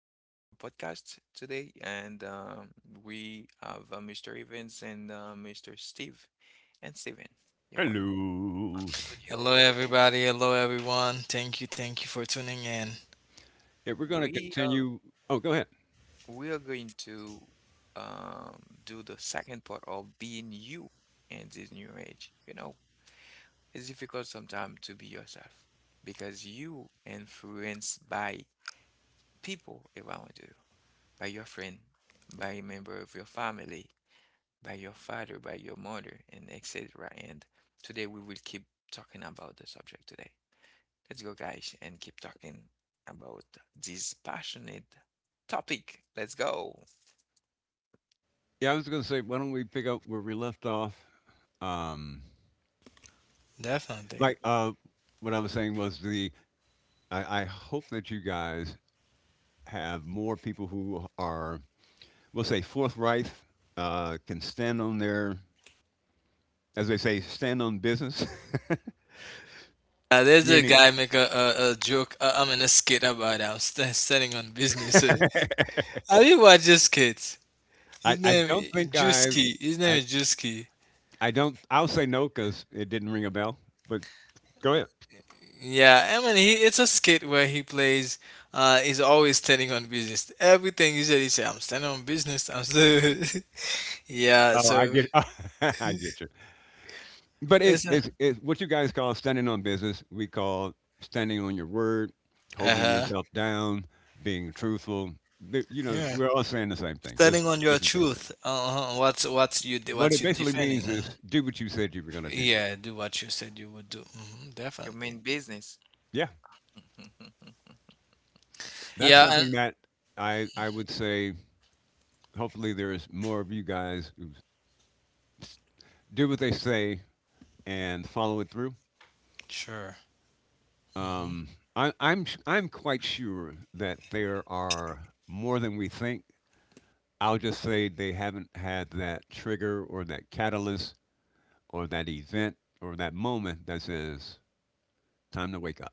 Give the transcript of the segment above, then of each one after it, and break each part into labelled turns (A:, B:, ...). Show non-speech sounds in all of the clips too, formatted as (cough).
A: uh, our podcast today, and we have Mr. Evans and Mr. Steve and Steven, your boy,
B: Hello.
A: on the
C: Hello,
A: studio.
C: everybody. Hello, everyone. Thank you. Thank you for tuning in.
B: Yeah, we're going to
A: We are
B: continue. Oh, go ahead.
A: we are going to um, do the second part of being you in this new age. You know, it's difficult sometimes to be yourself because you influenced by people around you, by your friend, by a member of your family, by your father, by your mother, and etc. And today we will keep talking about the subject today. Let's go, guys, and keep talking about this passionate topic. Let's go.
B: Yeah, I was going to say, why don't we pick up where we left off? Um,
C: Definitely.
B: like, uh, what I was saying was the. I hope that you guys have more people who are, we'll say, forthright, can stand on their, as they say, stand on business. (laughs)
C: There's a
B: Meaning,
C: guy make a joke. I'm in a skit about studying on business. (laughs) Eh? Have you watched this skit?
B: I,
C: His
B: I
C: name
B: don't think
C: His
B: I,
C: name is Juski.
B: I don't. I'll say no because it didn't ring a bell. But go ahead.
C: Yeah, I mean, it's a skit where he plays. He's always standing on business. He said, "I'm standing on business." I'm still. (laughs) Yeah.
B: Oh, I
C: So
B: get. (laughs) I get you. But it's,
C: it's.
B: it's it's what you guys call standing on business. We call standing on your word,
C: Uh
B: holding
C: huh.
B: yourself down, being truthful. You know,
C: Yeah.
B: we're all saying the same thing, just
C: Standing on your
B: different terminology.
C: truth. Uh-huh.
B: What
C: What
B: it
C: you
B: basically
C: defending?
B: means is do what you said you were going to do.
C: Yeah, do what you said you would do.
A: Your
C: Definitely.
A: main business.
B: Yeah,
A: (laughs)
B: that's
C: Yeah,
B: something
C: and
B: that I would say. Hopefully, there's more of you guys who do what they say and follow it through.
C: sure. hmm
B: Um, I'm quite sure that there are more than we think. I'll just say they haven't had that trigger or that catalyst or that event or that moment that says, time to wake up.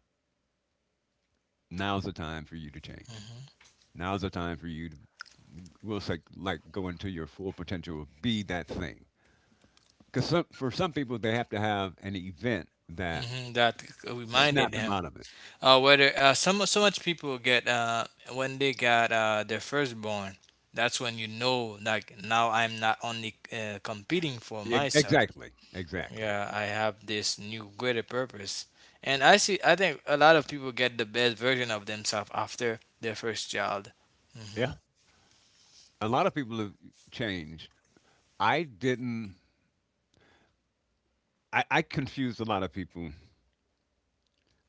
B: Now's the time for you to change.
C: hmm
B: Now's the time for you to, we'll say, like go into your full potential, be that thing. Because for some people, they have to have an event that
C: That
B: snapped
C: reminded
B: them
C: him.
B: out of it.
C: Whether some so much people get when they got their firstborn. That's when you know, like now I'm not only competing for myself.
B: Exactly. Exactly.
C: Yeah, I have this new greater purpose. And I think a lot of people get the best version of themselves after their first child. Hmm.
B: Yeah. A lot of people have changed. I didn't, I confused a lot of people.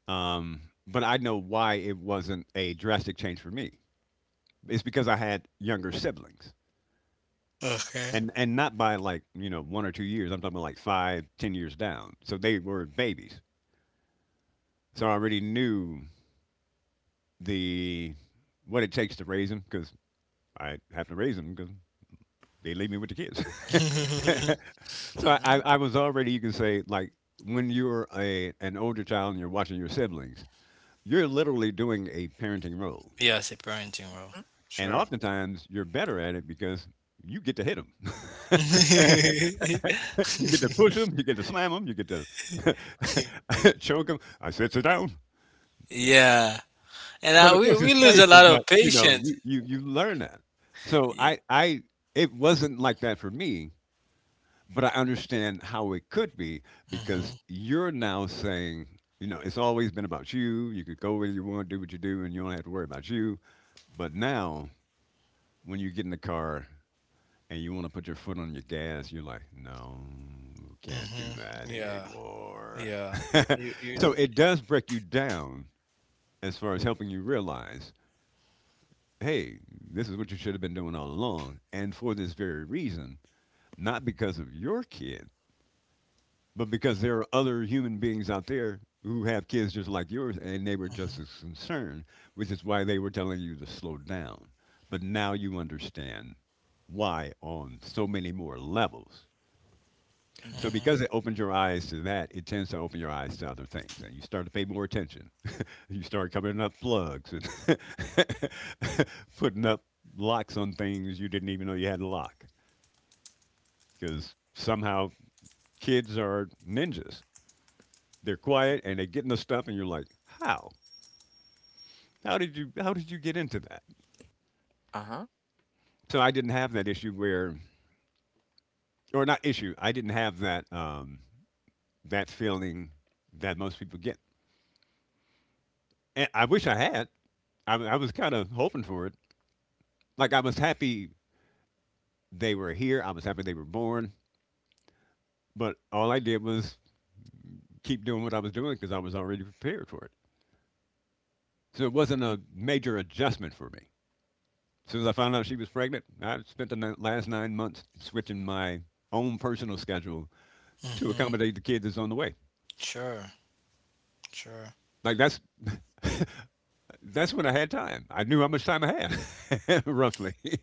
B: Um, but I know why it wasn't a drastic change for me. It's because I had younger siblings,
C: Okay.
B: and not by, like, you know, 1 or 2 years. I'm talking about like five, 10 years down. So they were babies. So I already knew the what it takes to raise them, because I have to raise them because they leave me with the kids.
C: (laughs)
B: (laughs) So I was already, you can say, like, when you're a an older child and you're watching your siblings, you're literally doing a parenting role.
C: Yeah, it's a parenting role.
A: Mm-hmm.
B: And
C: Sure.
B: oftentimes you're better at it because you get to hit them. (laughs) You get to push them, you get to slam them, you get to (laughs) choke them. I said sit you down.
C: (laughs) Yeah. And
B: But
C: I,
B: of course,
C: we
B: it's
C: lose a
B: playful.
C: lot
B: But
C: of
B: you know,
C: patience.
B: you learn that. So
C: Yeah.
B: I it wasn't like that for me, but I understand how it could be because
C: Mhm.
B: you're now saying. You know, it's always been about you. You could go where you want, do what you do, and you don't have to worry about you. But now, when you get in the car and you want to put your foot on your gas, you're like, no, can't do
C: Mhm.
B: that
C: Yeah.
B: anymore.
C: Yeah. You
B: (laughs)
C: you
B: So it does break you down as far as helping you realize, hey, this is what you should have been doing all along. And for this very reason, not because of your kid, but because there are other human beings out there who have kids just like yours and they were just
C: Mhm.
B: as concerned, which is why they were telling you to slow down. But now you understand why on so many more levels. So
A: Mm-hmm.
C: Mhm.
B: because it opens your eyes to that, it tends to open your eyes to other things, and you start to pay more attention. (laughs) You start covering up plugs and (laughs) putting up locks on things you didn't even know you had a lock, because somehow kids are ninjas. They're quiet and they get into stuff, and you're like, how? How did you? How did you get into that?
A: Uh-huh.
B: So I didn't have that issue. Or not issue, I didn't have that that feeling that most people get. And I wish I had. I was kind of hoping for it, like I was happy they were here. I was happy they were born. But all I did was keep doing what I was doing because I was already prepared for it. So it wasn't a major adjustment for me. As soon as I found out she was pregnant, I spent the last 9 months switching my own personal schedule to
C: Mhm.
B: accommodate the kid that's on the way.
C: Sure. Sure.
B: Like that's (laughs) that's when I had time. I knew how much time I had, (laughs) roughly. (laughs)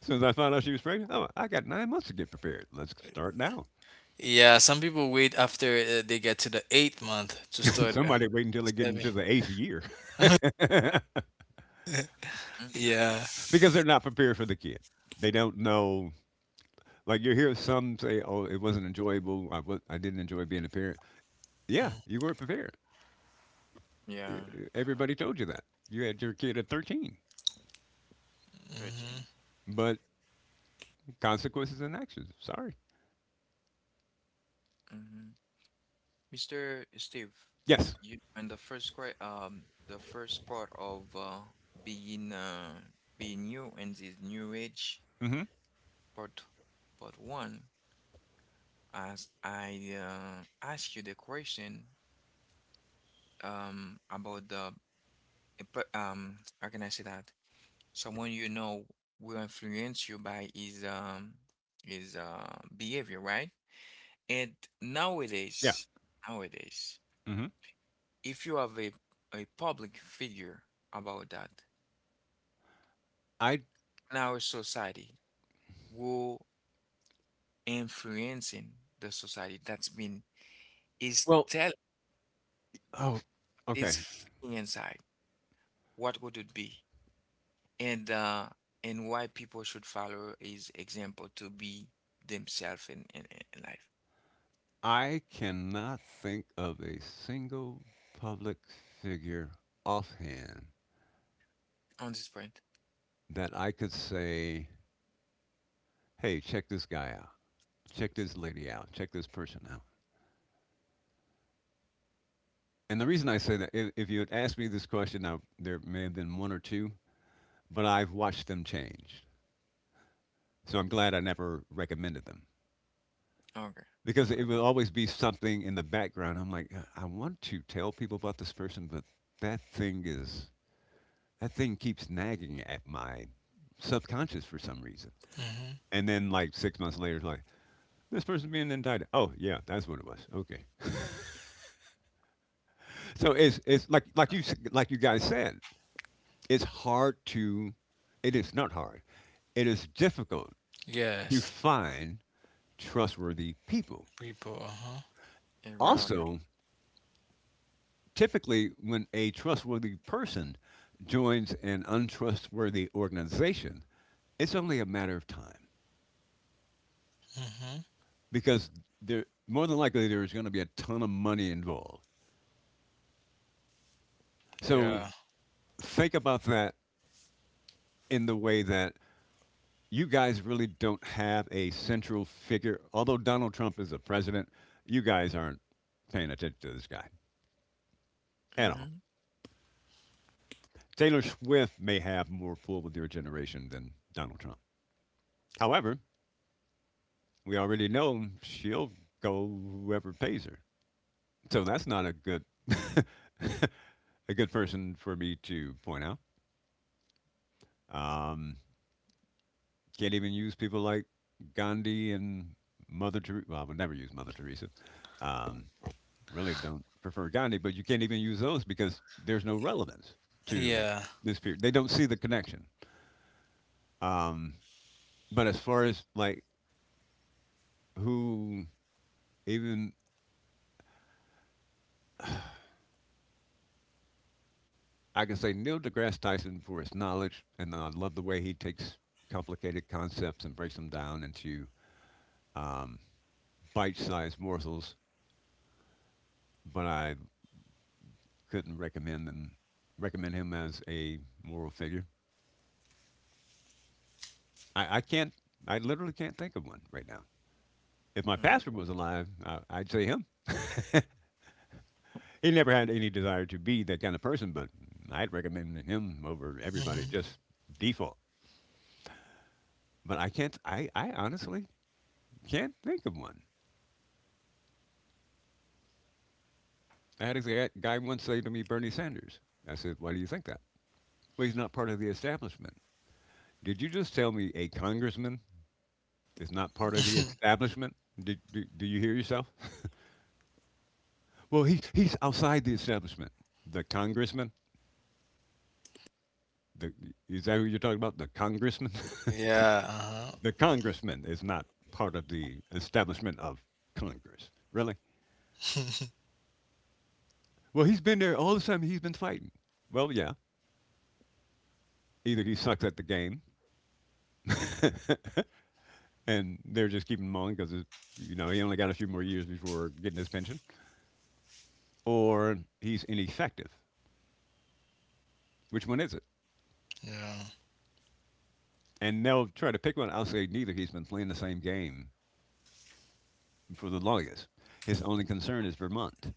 B: As soon as I found out she was pregnant, oh, I got 9 months to get prepared. Let's start now.
C: Yeah, some people wait after they get to the eighth month to
B: (laughs)
C: start
B: Somebody wait until they get
C: saving.
B: into the eighth year. (laughs)
A: Mm.
C: Yeah.
B: Because they're not prepared for the kid. They don't know. Like you hear some say, "Oh, it wasn't enjoyable. I didn't enjoy being a parent." Yeah, you weren't prepared.
A: Yeah,
B: Everybody told you that. You had your kid at 13,
C: Mm-hmm.
A: 13.
B: but consequences and actions. Sorry.
A: Mm-hmm. Mr. Steve,
B: Yes.
A: you and the first grade, the first part of being uh, being new in this new age,
B: Mm-hmm.
A: part part one, as I asked you the question about the how can I say that? Someone you know will influence you by his behavior, right? And
B: Yeah.
A: nowadays, nowadays,
B: Mm-hmm.
A: if you have a public figure about that
B: I.
A: in our society, who influencing the society that's been is
B: Well.
A: tell
B: Oh. Okay.
A: is feeling inside. What would it be? And uh, and why people should follow his example to be themselves in life.
B: I cannot think of a single public figure offhand
A: On this point.
B: that I could say, "Hey, check this guy out. Check this lady out. Check this person out." And the reason I say that, if you had asked me this question, now there may have been one or two, but I've watched them change. So I'm glad I never recommended them
A: Okay.
B: because it
A: All right.
B: will always be something in the background. I'm like, I want to tell people about this person, but that thing is that thing keeps nagging at my subconscious for some reason.
C: Mm-hmm.
B: And then like 6 months later, it's like this person being indicted. Oh yeah, that's what it was. Okay, so it's like like you guys said, It's hard to, it is not hard, it is difficult to
C: Yes.
B: find trustworthy people.
C: People. Uh huh.
A: And
B: Also,
A: rounder.
B: typically, when a trustworthy person joins an untrustworthy organization, it's only a matter of time
C: Mm-hmm.
B: because more than likely there's going to be a ton of money involved. So
C: Yeah.
B: think about that in the way that you guys really don't have a central figure. Although Donald Trump is the president, you guys aren't paying attention to this guy at all.
A: Mm-hmm.
B: Taylor Swift may have more pull with your generation than Donald Trump. However, we already know she'll go whoever pays her. So that's not a good (laughs) a good person for me to point out. Um, can't even use people like Gandhi and Mother Teresa. Well, I would never use Mother Teresa. Um, Really don't prefer Gandhi, but you can't even use those because there's no relevance to
C: Yeah.
B: this period. They don't see the connection. Um, but as far as like who, even I can say Neil deGrasse Tyson for his knowledge, and I love the way he takes complicated concepts and breaks them down into um, bite-sized morsels. But I couldn't recommend him as a moral figure. I can't. I literally can't think of one right now. If my pastor
A: Mm.
B: was alive, I'd say him. He never had any desire to be that kind of person, but I'd recommend him over everybody
C: Mm-hmm.
B: just default. But I honestly can't think of one. I had a guy once say to me, Bernie Sanders. I said, why do you think that? Well, he's not part of the establishment. Did you just tell me a congressman is not part of the
C: (laughs)
B: establishment? Do you hear yourself? (laughs) Well, he's outside the establishment. The congressman? The, is that who you're talking about? The congressman? (laughs)
C: Yeah. Uh huh.
B: The congressman is not part of the establishment of Congress. Really? Well, he's been there all the time he's been fighting. Well, yeah. Either he sucks at the game (laughs) and they're just keeping him on because, you know, he only got a few more years before getting his pension, or he's ineffective. Which one is it?
C: Yeah.
B: And they'll try to pick one. I'll say neither. He's been playing the same game for the longest. His only concern is Vermont,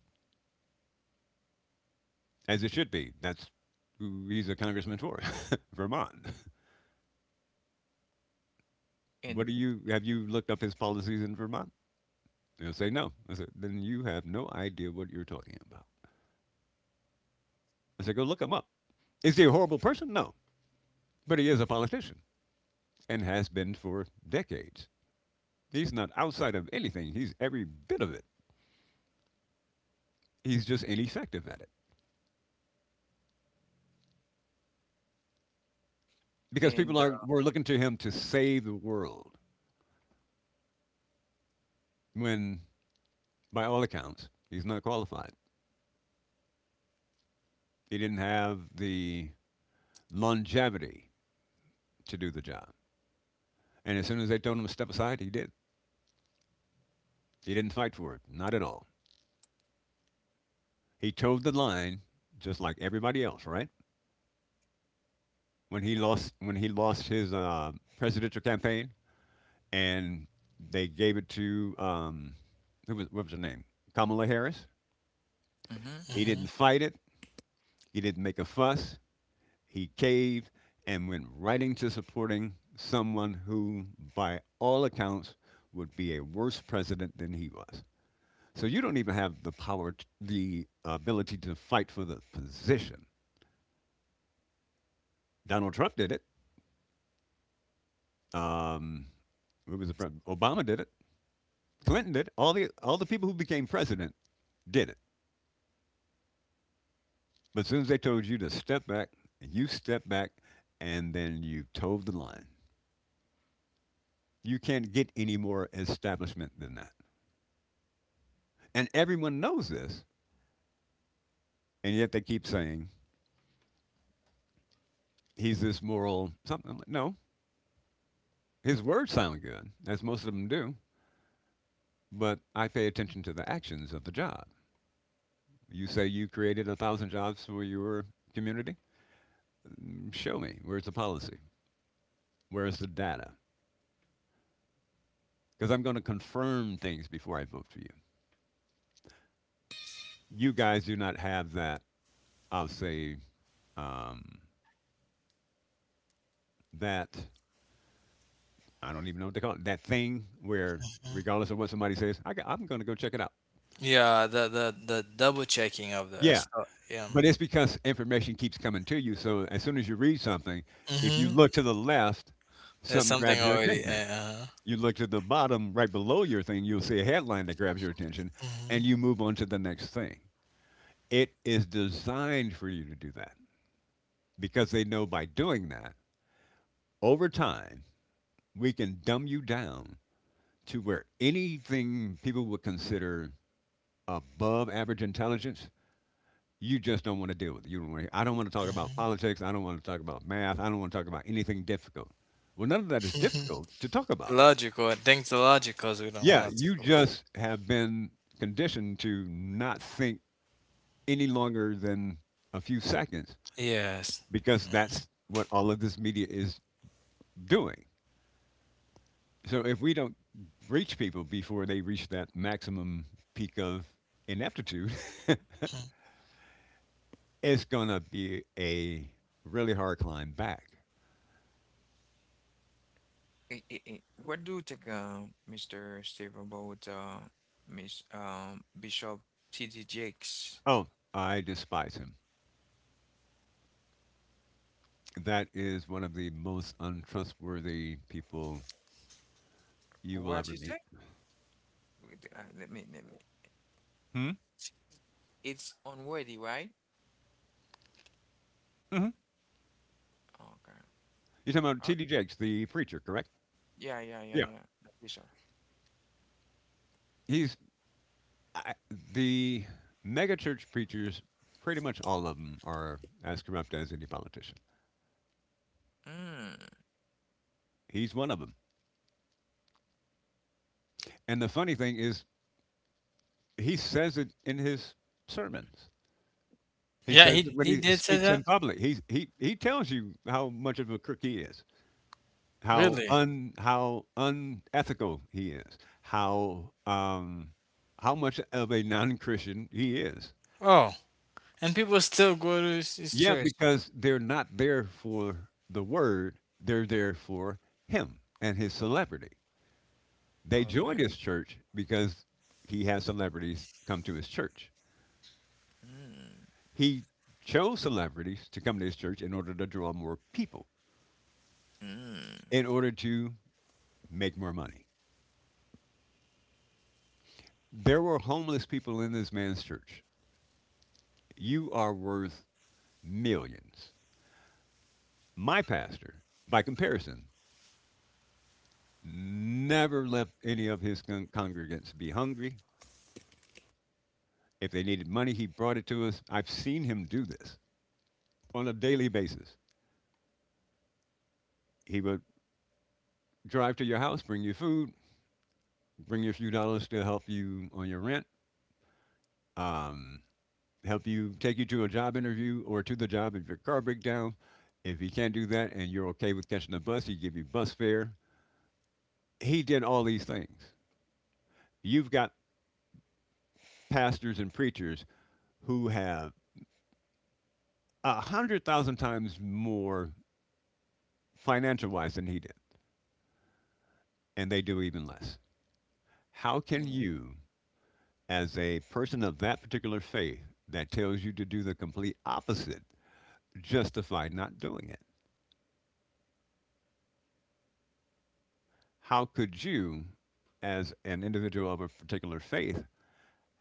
B: as it should be. That's who he's a congressman for, (laughs) Vermont. What do
A: And
B: you have you looked up his policies in Vermont? They'll say no. I said, then you have no idea what you're talking about. I said, go look him
A: w-
B: up. Is he a horrible person? No. But he is a politician and has been for decades. He's not outside of anything. He's every bit of it. He's just ineffective at it. Because people
A: and
B: are were looking to him to save the world when by all accounts he's not qualified. He didn't have the longevity to do the job. And as soon as they told him to step aside, he did. He didn't fight for it, not at all. He towed the line, just like everybody else, right? When he lost his presidential campaign, and they gave it to who was what was her name? Kamala Harris. He
A: mhm.
C: Mm-hmm.
B: didn't fight it. He didn't make a fuss. He caved and went right into supporting someone who, by all accounts, would be a worse president than he was. So you don't even have the power, the ability to fight for the position. Donald Trump did it. Um, who was the president? Obama did it. Clinton did it. All the people who became president did it. But as soon as they told you to step back, you step back, and then you towed the line. You can't get any more establishment than that. And everyone knows this, and yet they keep saying he's this moral something. No, his words sound good, as most of them do, but I pay attention to the actions of the job. You say you created 1,000 jobs for your community. Show me. Where's the policy? Where's the data? Because I'm going to confirm things before I vote for you. You guys do not have that, I'll say, um, that, I don't even know what to call it, that thing where,
C: Hmm.
B: regardless of what somebody says, I am going to go check it out.
C: Yeah. The double checking of the
B: Yeah.
C: stock. Yeah.
B: But it's because information keeps coming to you. So as soon as you read something, if you
C: Mm-hmm.
B: look to the left,
C: There's
B: something
C: something
B: grabs your
C: already.
B: attention.
C: Uh huh.
B: You look to the bottom right below your thing, you'll see a headline that grabs your attention, and
C: Mm-hmm.
B: you move on to the next thing. It is designed for you to do that because they know by doing that, over time, we can dumb you down to where anything people would consider above average intelligence, you just don't want to deal with it. You don't want to, I don't want to talk about
C: Mm-hmm.
B: politics. I don't want to talk about math. I don't want to talk about anything difficult. Well, none of that is difficult to talk about.
C: Logical. Things logical, so we don't
B: Yeah,
C: want to
B: you
C: talk about.
B: just have been conditioned to not think any longer than a few seconds
C: Yes.
B: because that's what all of this media is doing. So if we don't reach people before they reach that maximum peak of ineptitude, (laughs)
C: Mm.
B: it's going to be a really hard climb back.
A: What do you think, Mr. Steve, about Miss Bishop T.D. Jakes?
B: Oh, I despise him. That is one of the most untrustworthy people you will ever
A: What you
B: meet.
A: say? Wait, let me.
B: Hmm?
A: It's unworthy, right?
B: Hmm.
A: Okay.
B: You're talking about
A: Oh,
B: T.D. Jakes, the preacher, correct?
A: yeah, yeah,
B: Yeah.
A: yeah, yeah. The bishop.
B: He's I, the megachurch preachers, pretty much all of them are as corrupt as any politician.
A: Mm.
B: He's one of them. And the funny thing is, he says it in his sermons. He
C: Yeah.
B: says it
C: He
B: when
C: he
B: he
C: did say
B: speaks
C: that.
B: in public. He tells you how much of a crook he is, how
C: Really?
B: un how unethical he is, how much of a non-Christian he is.
C: Oh, and people still go to his
B: Yeah,
C: church.
B: because they're not there for the word; they're there for him and his celebrity. They
A: Oh
B: join
A: my.
B: his church because he has celebrities come to his church.
A: Mm,
B: He chose celebrities to come to his church in order to draw more people,
A: mm.
B: in order to make more money. There were homeless people in this man's church. You are worth millions. My pastor, by comparison, never left any of his congregants be hungry. If they needed money, he brought it to us. I've seen him do this on a daily basis. He would drive to your house, bring you food, bring you a few dollars to help you on your rent. Um, Help you, take you to a job interview or to the job if your car breaks down. If he can't do that and you're okay with catching the bus, he give you bus fare. He did all these things. You've got pastors and preachers who have 100,000 times more financial wise than he did, and they do even less. How can
A: Oh,
B: you, as a person of that particular faith that tells you to do the complete opposite, justify not doing it? How could you, as an individual of a particular faith,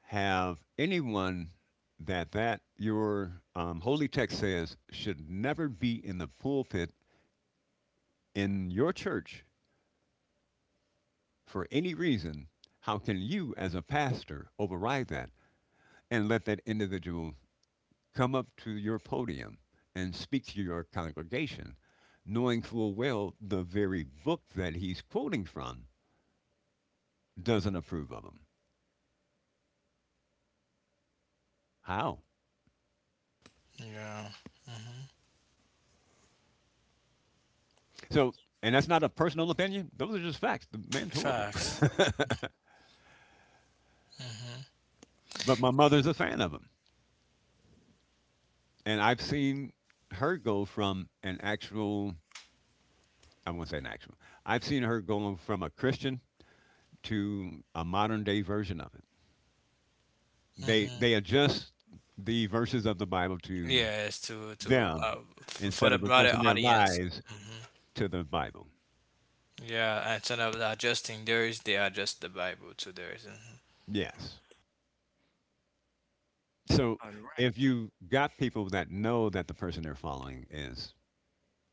B: have anyone that your holy text says should never be in the pulpit in your church for any reason, how can you as a pastor override that and let that individual come up to your podium and speak to your congregation, knowing full well the very book that he's quoting from doesn't approve of him? How?
C: Yeah. Hmm.
B: So, and that's not a personal opinion. Those are just facts. The man's horrible. (laughs)
C: Facts. Hmm.
B: But my mother's a fan of him, and I've seen her go from an actual, I won't say an actual. I've seen her going from a Christian to a modern day version of it. They
C: Hmm.
B: they adjust the verses of the Bible to
C: Yes,
B: them
C: for
B: instead
C: the
B: of
C: broader
B: adjusting their
C: audience.
B: lives
C: Hmm.
B: to the Bible.
C: Yeah, instead of adjusting theirs, they adjust the Bible to theirs. Hmm.
B: Yes. So
A: all
B: if
A: right.
B: you got people that know that the person they're following is,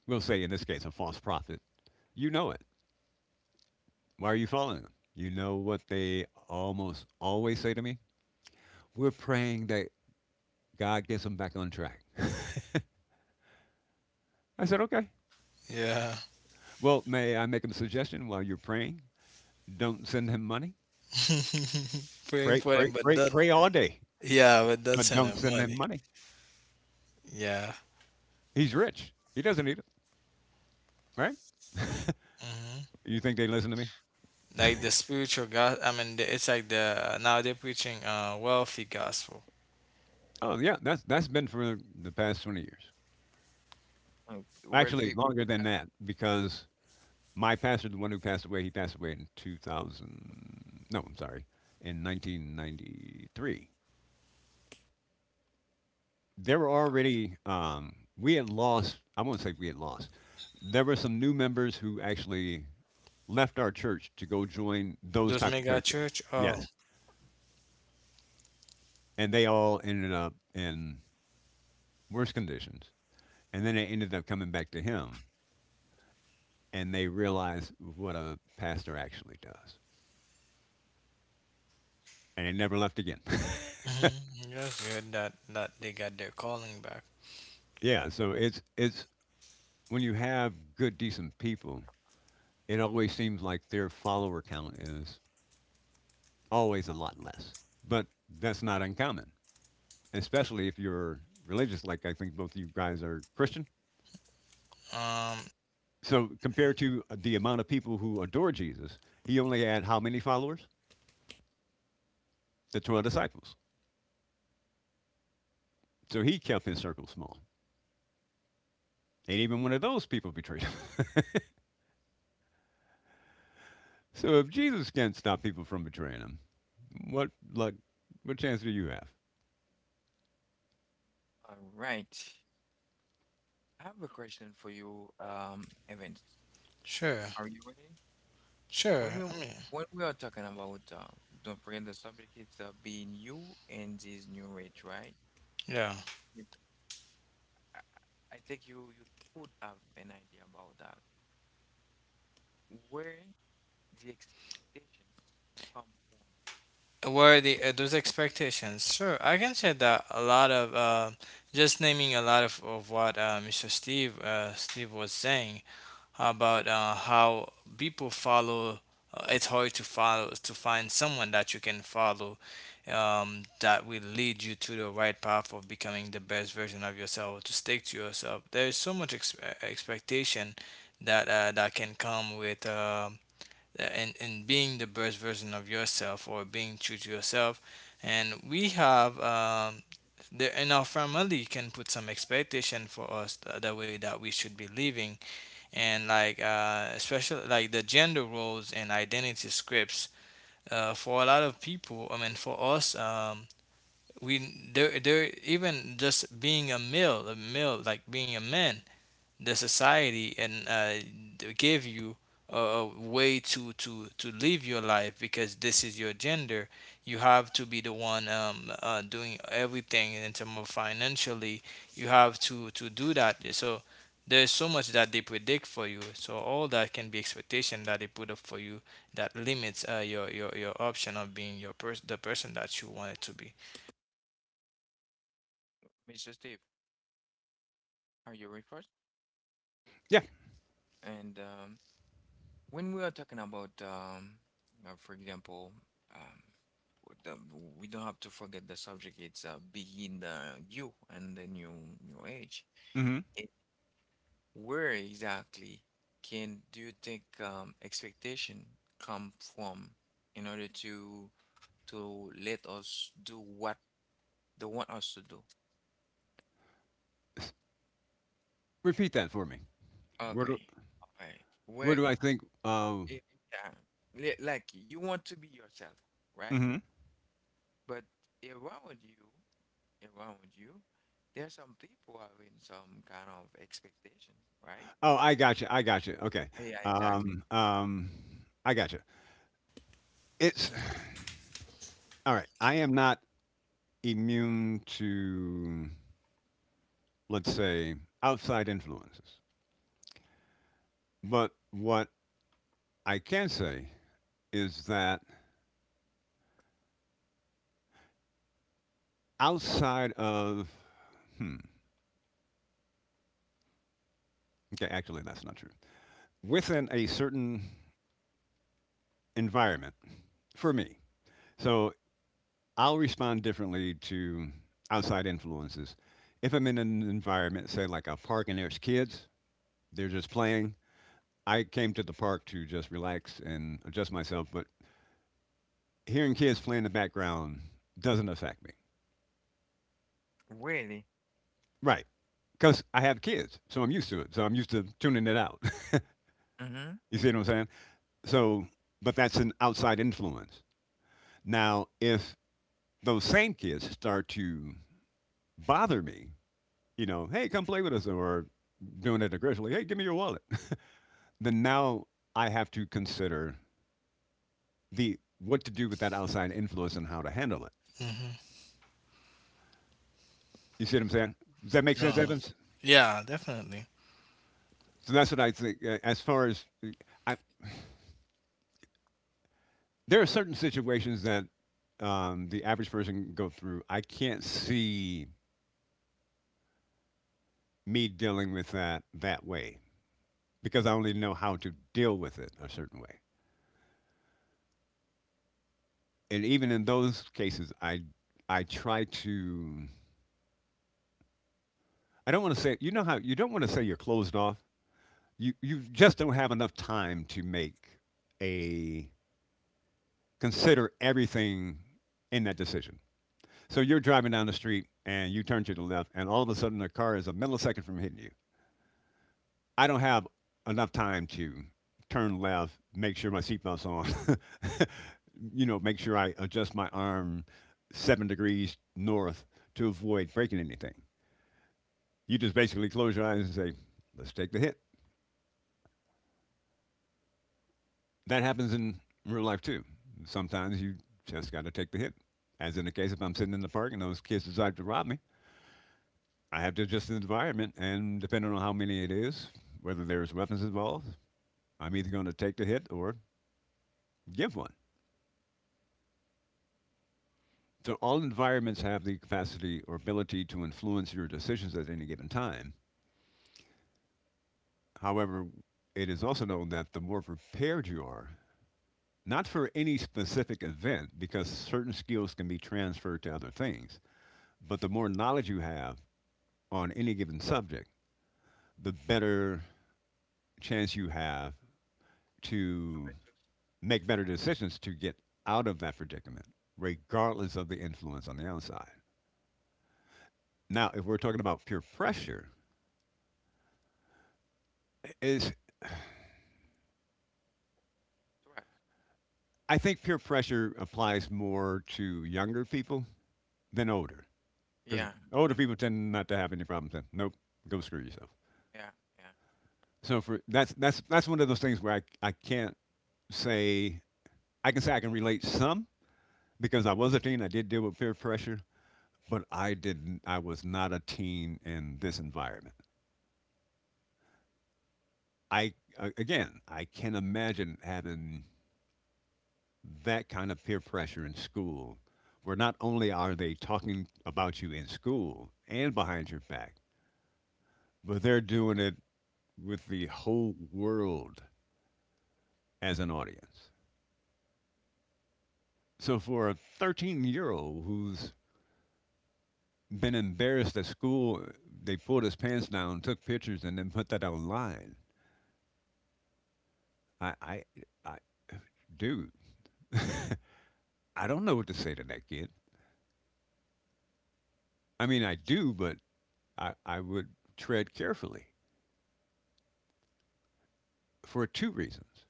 B: we'll say in this case, a false prophet, you know it. Why are you following them? You know what they almost always say to me? We're praying that God gets them back on track. (laughs) I said, okay.
C: Yeah.
B: Well, may I make him a suggestion while you're praying? Don't send him money.
C: (laughs) Praying
B: Pray,
C: for them,
B: pray,
C: but
B: pray,
C: that
B: pray all day,
C: yeah, but that's
B: but don't
C: enough
B: send him
C: money.
B: money.
C: Yeah.
B: He's rich. He doesn't need it, right?
C: hmm
B: You think they listen to me?
C: Like the spiritual God, I mean, it's like the now they're preaching wealthy gospel.
B: Oh yeah, that's been for the past 20 years.
A: Oh, well,
B: Actually,
A: see,
B: longer than that, because my pastor, the one who passed away, he passed away in 2000. No, I'm sorry, in 1993. There were already we had lost. I won't say we had lost. There were some new members who actually left our church to go join those
C: Those
B: type of
C: mega
B: churches.
C: church. Oh.
B: Yes, and they all ended up in worse conditions, and then they ended up coming back to him, and they realized what a pastor actually does, and they never left again.
C: Mm-hmm. That's good that they got their calling back.
B: (laughs) Yeah, so it's when you have good decent people, it always seems like their follower count is always a lot less, but that's not uncommon, especially if you're religious, like I think both you guys are Christian.
C: Um,
B: So compared to the amount of people who adore Jesus, he only had how many followers? The 12 disciples. So he kept his circle small. And even one of those people betrayed him. (laughs) So if Jesus can't stop people from betraying him, what like what chance do you have?
A: all right. I have a question for you, Evans.
C: sure,
A: Are you ready?
C: sure.
A: When
C: I
A: you
C: mean,
A: when we are talking about, don't forget the subject. It's being you in this new age, right?
C: yeah.
A: It, I, I think you could have an idea about that. Where the expectations come from,
C: Were the those expectations? Sure, I can say that a lot of just naming a lot of what Mr. Steve uh, Steve was saying. About how people follow. It's hard to find someone that you can follow, that will lead you to the right path of becoming the best version of yourself. To stick to yourself, there is so much expectation that can come with, and being the best version of yourself or being true to yourself. And we have and our family can put some expectation for us, the way that we should be living, and like especially like the gender roles and identity scripts, for a lot of people, I mean for us, we there there even just being a male, like being a man, the society, and they give you a way to live your life because this is your gender. You have to be the one, doing everything in terms of financially. You have to do that. So there's so much that they predict for you. So all that can be expectation that they put up for you that limits your option of being the person that you wanted to be.
A: Mr. Steve? Are you ready first?
B: Yeah.
A: And. When we are talking about, for example, um, we don't have to forget the subject. It's begin the you and the new age.
B: Mm-hmm.
A: It, where exactly can do you think expectation come from in order to let us do what they want us to do?
B: S- Repeat that for me. Where do
A: Okay, okay.
B: where do
A: Where
B: I think
A: if yeah, like you want to be yourself, right?
B: Mm-hmm.
A: But around you. Around you, there are some people having some kind of expectation, right?
B: Oh, I gotcha. I gotcha. Okay.
A: Yeah, exactly.
B: Um, um, I gotcha. It's all right. I am not immune to, let's say, outside influences. But what I can say is that outside of, hmm, okay, actually, that's not true. Within a certain environment, for me, so I'll respond differently to outside influences. If I'm in an environment, say like a park and there's kids, they're just playing. I came to the park to just relax and adjust myself, but hearing kids play in the background doesn't affect me.
A: Really?
B: Right. Because I have kids, so I'm used to it. So I'm used to tuning it out. (laughs)
A: Mm-hmm.
B: You see what I'm saying? So, but that's an outside influence. Now, if those same kids start to bother me, you know, hey, come play with us, or doing it aggressively, hey, give me your wallet, (laughs) then now I have to consider the what to do with that outside influence and how to handle it.
C: Hmm.
B: You see what I'm saying? Does that make sense,
C: Yeah.
B: Evans?
C: Yeah, definitely.
B: So that's what I think. As far as I, there are certain situations that the average person go through. I can't see me dealing with that that way because I only know how to deal with it a certain way. And even in those cases, I try to. I don't want to say you know how you don't want to say you're closed off. You just don't have enough time to make a consider everything in that decision. So you're driving down the street and you turn to the left, and all of a sudden a car is a millisecond from hitting you. I don't have enough time to turn left, make sure my seatbelt's on, (laughs) you know, make sure I adjust my arm 7 degrees north to avoid breaking anything. You just basically close your eyes and say, let's take the hit. That happens in real life too. Sometimes you just got to take the hit. As in the case, if I'm sitting in the park and those kids decide to rob me, I have to adjust to the environment. And depending on how many it is, whether there's weapons involved, I'm either going to take the hit or give one. So all environments have the capacity or ability to influence your decisions at any given time. However, it is also known that the more prepared you are, not for any specific event, because certain skills can be transferred to other things, but the more knowledge you have on any given subject, the better chance you have to make better decisions to get out of that predicament, regardless of the influence on the outside. Now, if we're talking about peer pressure, it's I think peer pressure applies more to younger people than older, because
A: Yeah.
B: older people
A: Um,
B: tend not to have any problems. Then, nope, go screw yourself.
A: yeah. Yeah. Yeah.
B: So for that's one of those things where I can't say say I can relate some because I was a teen. I did deal with peer pressure, but I didn't. I was not a teen in this environment. I again, I can imagine having that kind of peer pressure in school, where not only are they talking about you in school and behind your back, but they're doing it with the whole world as an audience. So for a 13-year-old year old who's been embarrassed at school, they pulled his pants down, took pictures, and then put that online. I, I, I dude, (laughs) I don't know what to say to that kid. I mean, I do, but I would tread carefully for two reasons.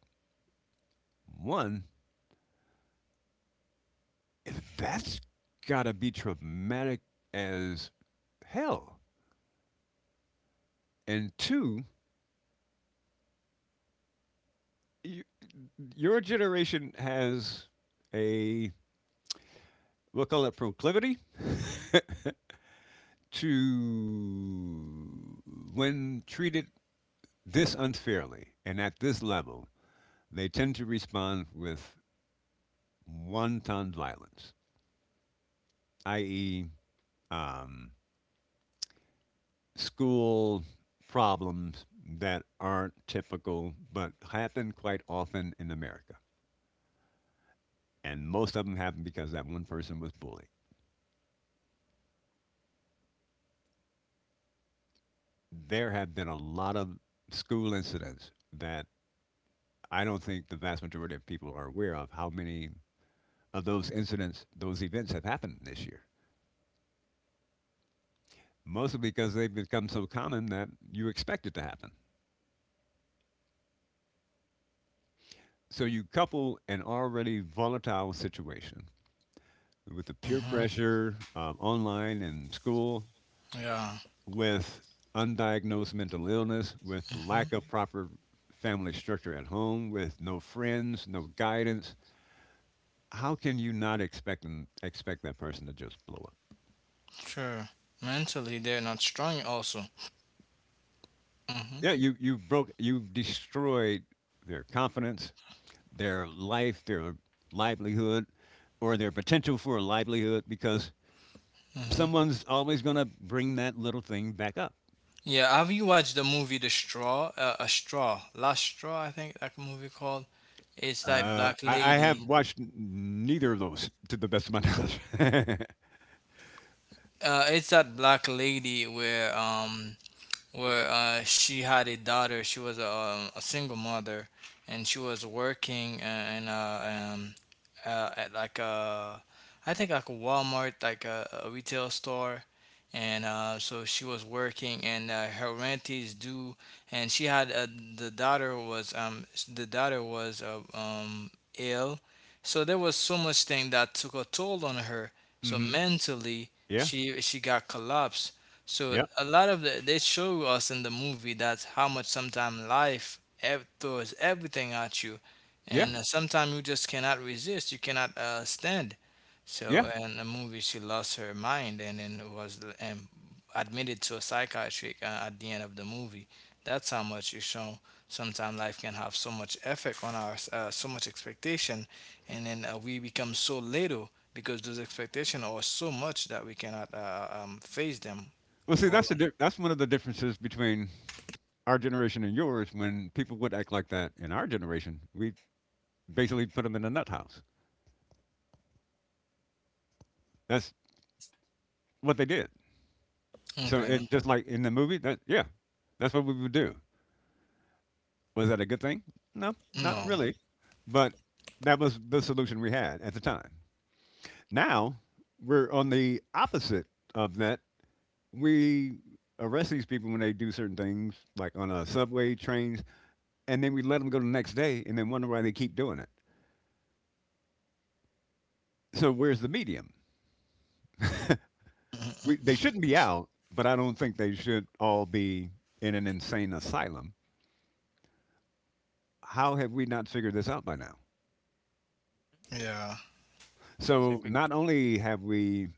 B: One, that's gotta be traumatic as hell. And two, you, your generation has a, we'll call it proclivity, (laughs) to, when treated this unfairly and at this level, they tend to respond with wanton violence, i.e., um, school problems that aren't typical but happen quite often in America. And most of them happen because that one person was bullied. There have been a lot of school incidents that I don't think the vast majority of people are aware of how many of those incidents, those events have happened this year. Mostly because they've become so common that you expect it to happen. So you couple an already volatile situation with the peer
C: Hmm.
B: pressure of online and school
C: Yeah.
B: with undiagnosed mental illness, with the lack of proper family structure at home, with no friends, no guidance, how can you not expect that person to just blow up?
C: Sure. Mentally, they're not strong also. Hmm.
B: Yeah, you broke you destroyed their confidence, their life, their livelihood, or their potential for a livelihood because
C: Hmm.
B: someone's always going to bring that little thing back up.
C: Yeah, have you watched the movie The Straw? A Straw. Last Straw, I think that movie called. It's that black
B: I have
C: lady.
B: watched neither of those to the best of my knowledge.
C: It's that black lady where she had a daughter. She was a single mother, and she was working at like a, I think like a Walmart, like a retail store, and so she was working, and her rent is due, and she had the daughter was um the daughter was ill, so there was so much thing that took a toll on her.
B: (laughs)
C: So
B: Hmm.
C: mentally,
B: Yeah.
C: she got collapsed, so
B: Yeah.
C: a lot of they show us in the movie, that's how much sometimes life throws everything at you,
B: Yeah.
C: and sometimes you just cannot resist. You cannot stand.
B: Yeah.
C: So in the movie, she lost her mind and then was admitted to a psychiatric at the end of the movie. That's how much you show. Sometimes life can have so much effect on our so much expectation, and then we become so little because those expectations are so much that we cannot face them.
B: Well, see,
C: Hold
B: that's the that's one of the differences between our generation and yours. When people would act like that in our generation, we basically put them in a nut house. That's what they did.
C: on.
B: So,
C: Okay.
B: and just like in the movie, that, yeah, that's what we would do. Was that a good thing? No, not
C: No.
B: really. But that was the solution we had at the time. Now we're on the opposite of that, we arrest these people when they do certain things, like on subway trains, and then we let them go the next day, and then wonder why they keep doing it. So where's the medium? We, they
C: Mm-mm.
B: shouldn't be out, but I don't think they should all be in an insane asylum. How have we not figured this out by now?
A: Mhm.
C: Yeah.
A: It's
B: So
A: difficult.
B: not only have we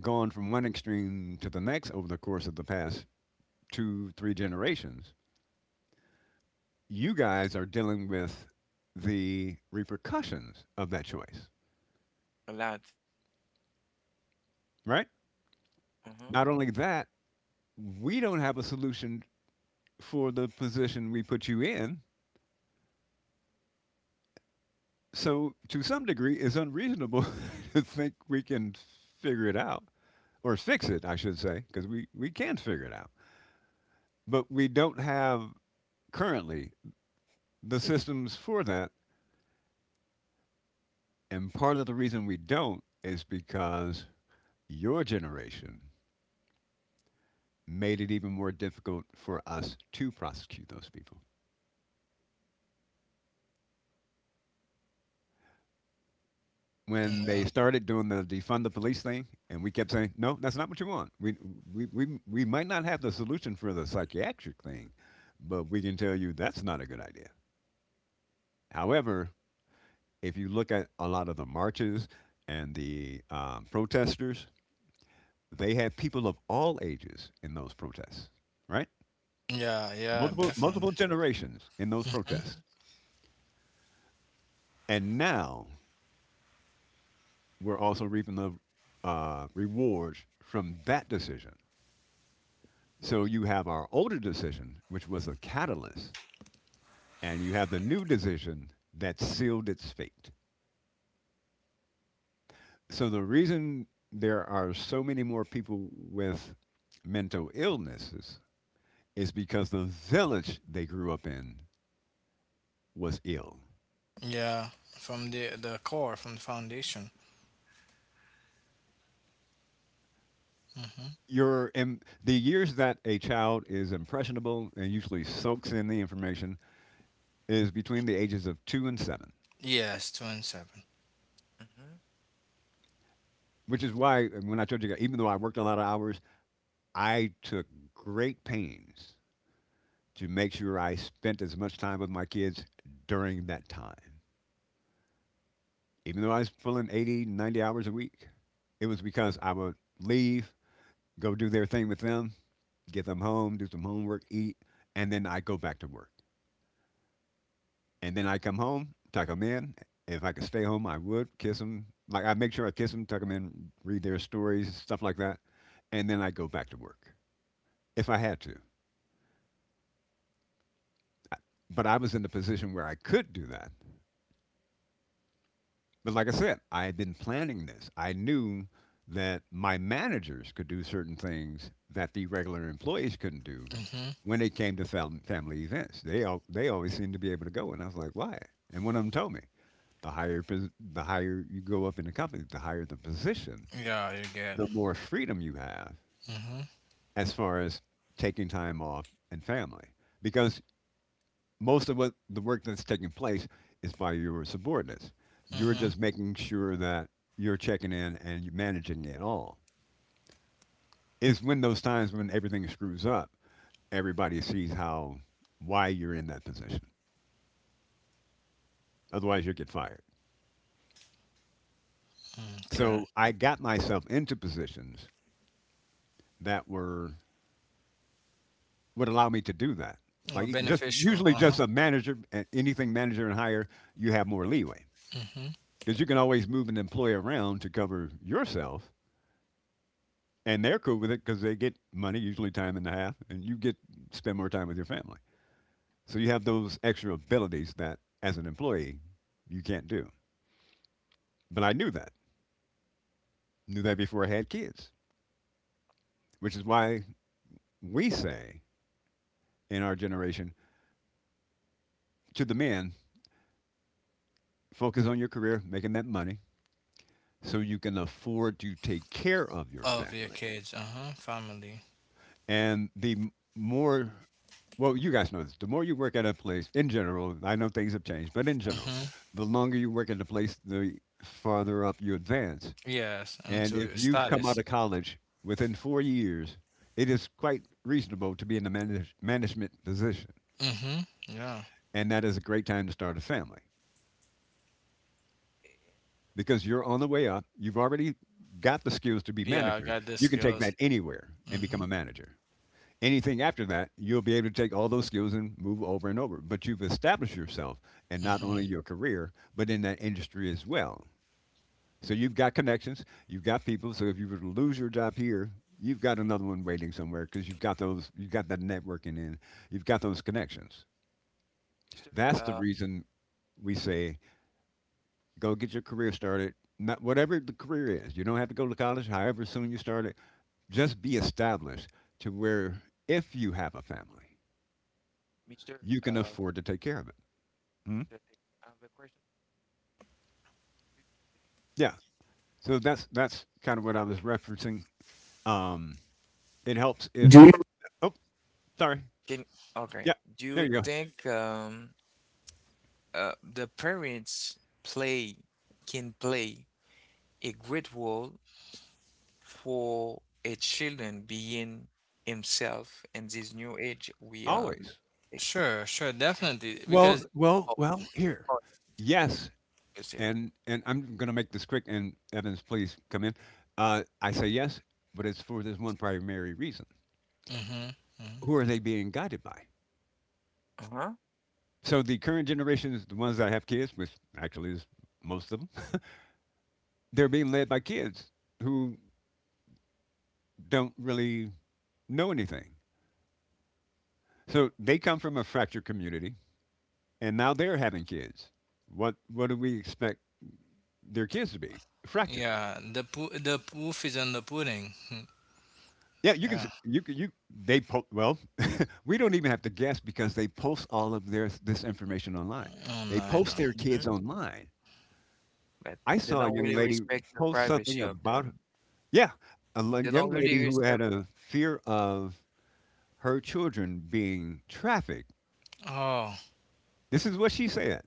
B: gone from one extreme to the next over the course of the past two, three generations, you guys are dealing with the repercussions of that choice,
A: A lot.
B: right?
A: Mm-hmm.
B: Not only that, we don't have a solution for the position we put you in. So, to some degree, it's unreasonable (laughs) to think we can figure it out, or fix it, I should say, because we can figure it out. But we don't have currently the systems for that. And part of the reason we don't is because your generation made it even more difficult for us to prosecute those people when they started doing the defund the police thing, and we kept saying, "No, that's not what you want. We might not have the solution for the psychiatric thing, but we can tell you that's not a good idea." However, if you look at a lot of the marches and the protesters, they had people of all ages in those protests, right?
C: Yeah. Yeah.
B: Multiple
C: Definitely.
B: generations in those
C: Hmm.
B: protests, and now we're also reaping the rewards from that decision. So you have our older decision, which was a catalyst, and you have the new decision that sealed its fate. So the reason there are so many more people with mental illnesses is because the village they grew up in was ill.
C: Yeah. From the core, from the foundation. Hmm.
B: Your im The years that a child is impressionable and usually soaks in the information is between the ages of two and seven,
C: Yes. Two and seven.
A: Mm-hmm.
B: which is why when I told you, even though I worked a lot of hours, I took great pains to make sure I spent as much time with my kids during that time. Even though I was pulling 80, 90 hours a week, it was because I would leave, go do their thing with them, get them home, do some homework, eat, and then I go back to work. And then I come home, tuck them in. If I could stay home, I would kiss them. Like, I make sure I kiss them, tuck them in, read their stories, stuff like that, and then I go back to work if I had to. But I was in the position where I could do that. But like I said, I had been planning this. I knew that my managers could do certain things that the regular employees couldn't do
C: Hmm.
B: when it came to family events. They always seemed to be able to go, and I was like, why? And one of them told me, the the higher you go up in the company, the higher the position,
C: Yeah. You get.
B: the more freedom you have
C: Hmm.
B: as far as taking time off and family, because most of what the work that's taking place is by your subordinates. You're
C: Hmm.
B: just making sure that you're checking in and you're managing it all. It's when those times when everything screws up, everybody sees how, why you're in that position. Otherwise, you'll get fired.
C: Okay.
B: So I got myself into positions that were would allow me to do that.
C: Or
B: Like, it just
C: beneficial.
B: usually
C: Uh huh.
B: just a manager, anything manager and higher, you have more leeway
C: Hmm.
B: because you can always move an employee around to cover yourself and they're cool with it because they get money, usually time and a half, and you get spend more time with your family. So you have those extra abilities that, as an employee, you can't do. But I knew that before I had kids, which is why we say in our generation to the men, focus on your career, making that money, so you can afford to take care of your
C: Of your
B: family.
C: kids. Uh huh. Family.
B: And the more, well, you guys know this, the more you work at a place in general, I know things have changed, but in general,
C: Hmm.
B: the longer you work at a place, the farther up you advance.
C: Yes. And
B: And
C: to
B: if
C: your
B: you've come out
C: status.
B: of college within 4 years, it is quite reasonable to be in a management position.
C: Hmm. Yeah.
B: And that is a great time to start a family because you're on the way up. You've already got the skills to be
C: Yeah. I
B: manager.
C: got the
B: You can take
C: skills.
B: that anywhere and become
C: Hmm.
B: a manager. Anything after that, you'll be able to take all those skills and move over and over. But you've established yourself and not only
C: Hmm.
B: your career, but in that industry as well. So you've got connections, you've got people. So if you were to lose your job here, you've got another one waiting somewhere because you've got that networking in, you've got those connections.
A: Mr.
B: That's the
A: Uh,
B: reason we say go get your career started. Not whatever the career is, you don't have to go to college. However soon you start it, just be established to where if you have a family
A: Mr.
B: you can
A: Uh,
B: afford to take care of it. Hmm?
A: Mr. Dick, I have a question for
B: Yeah. So that's kind of what I was referencing. Um, it helps
A: you. Do you?
B: if. Oh, sorry.
A: Can okay.
B: Yeah.
A: Do
B: There
A: you
B: you go.
A: think the parents play can play a great role for a children being himself in this new age we are
B: Always.
A: like,
C: Sure. Sure. Definitely. Because.
B: Well, well,
A: oh,
B: well. Here.
A: oh,
B: Yes,
A: is it-
B: and I'm going to make this quick. And Evans, please come in. I say yes, but it's for this one primary reason.
C: Hmm.
B: Who are they being guided by?
A: uh-huh.
B: So the current generations, the ones that have kids, which actually is most of them, (laughs) they're being led by kids who don't really know anything. So they come from a fractured community, and now they're having kids. What do we expect their kids to be? Fractured.
C: Yeah, the proof is on the pudding. (laughs)
B: Yeah, you can s-
C: Yeah.
B: you can- you they po- well, (laughs) we don't even have to guess because they post all of their this information online.
C: Oh
B: They
C: no, I
B: post
C: know.
B: their kids
A: Hmm.
B: online.
A: But
B: I
A: they
B: saw a
A: don't
B: young
A: really
B: lady
A: respect the
B: post something
A: privacy of
B: about,
A: them.
B: yeah, a
A: They
B: young
A: don't
B: lady
A: really
B: who had
A: respect
B: a fear of her children being trafficked.
C: Oh,
B: This is what she said.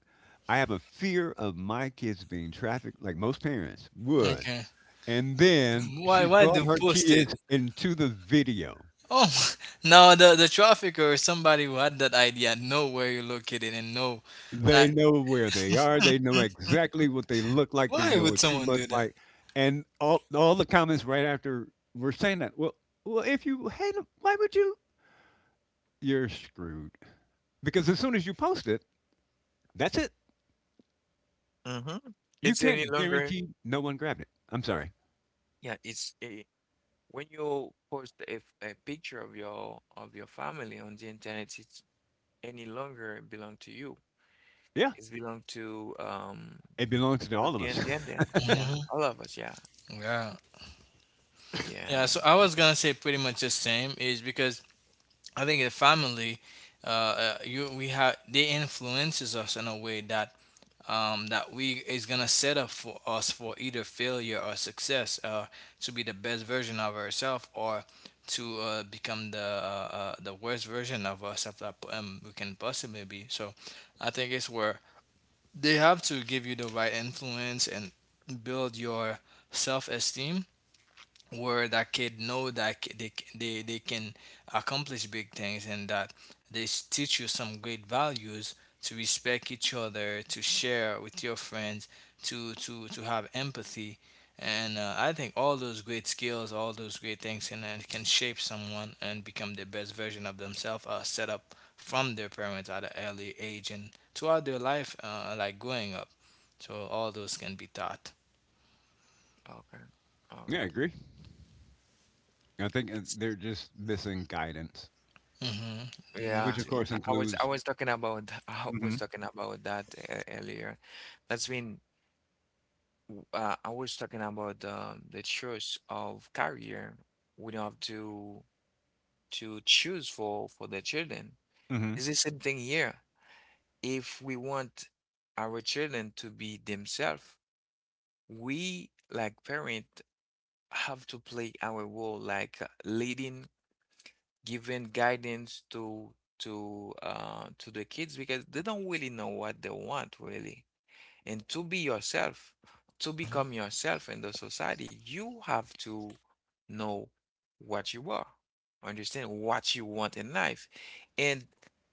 B: I have a fear of my kids being trafficked, like most parents would.
C: okay.
B: And then
C: Why
B: she
C: why
B: brought
C: do
B: her
C: post it?
B: kids into the video.
C: Oh, (laughs) no, the trafficker or somebody who had that idea know where you're located and know.
B: They
C: Like,
B: know where they are. They know exactly what they look like. They
C: why
B: know
C: would
B: what you
C: someone
B: look
C: do that?
B: like. And all the comments right after were saying that. Well, if you hate them, why would you? You're screwed. Because as soon as you post it, that's it.
A: Hmm.
B: You
A: It's any
B: can't
A: longer.
B: guarantee no one grabbed it. I'm sorry.
A: Yeah, it's a when you post a, a picture of your family on the internet it's any longer belong to you
B: Yeah,
A: it's belong
B: it belongs to
A: to
B: all of
A: the
B: us.
A: internet yeah
C: Hmm.
A: all of us yeah
C: Yeah. Yeah. So
A: yeah
C: I was gonna say pretty much the same is because I think a family, you we have they influences us in a way that, we is gonna set up for us for either failure or success, to be the best version of ourselves, or to become the worst version of ourselves that, we can possibly be. So, I think it's where they have to give you the right influence and build your self esteem, where that kid know that they can accomplish big things, and that teach you some great values, to respect each other, to share with your friends, to have empathy, and I think all those great things can shape someone and become the best version of themselves, set up from their parents at an early age and throughout their life, like growing up, so all those can be taught.
A: okay
B: (laughs)
A: all
B: Yeah, I
A: right
B: agree. I think
A: S
B: they're just missing guidance,
C: Mm-hmm.
B: which
A: Yeah,
B: of
A: yeah.
B: course
A: I
B: includes.
A: was talking about (laughs) I
B: hmm
A: was talking about that earlier. That's when I was talking about the choice of career we don't have to choose for the children.
B: hmm
A: It's the same thing here. If we want our children to be themselves, we like parent have to play our role like leading giving guidance to the kids because they don't really know what they want really. And to be yourself, to become yourself in the society, you have to know what you are, understand what you want in life. And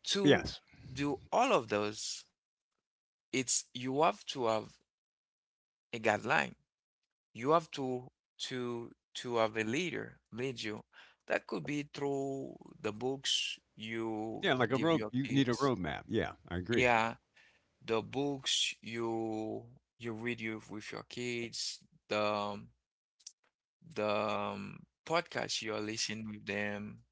A: to
B: Yes.
A: do all of those, it's you have to have a guideline you have to have a leader lead you. That could be through the books you
B: Yeah, like a
A: give
B: road.
A: your
B: You need a
A: kids.
B: roadmap. Yeah, I agree.
A: Yeah, the books you you read you with your kids, the the um, podcast you're listening with them,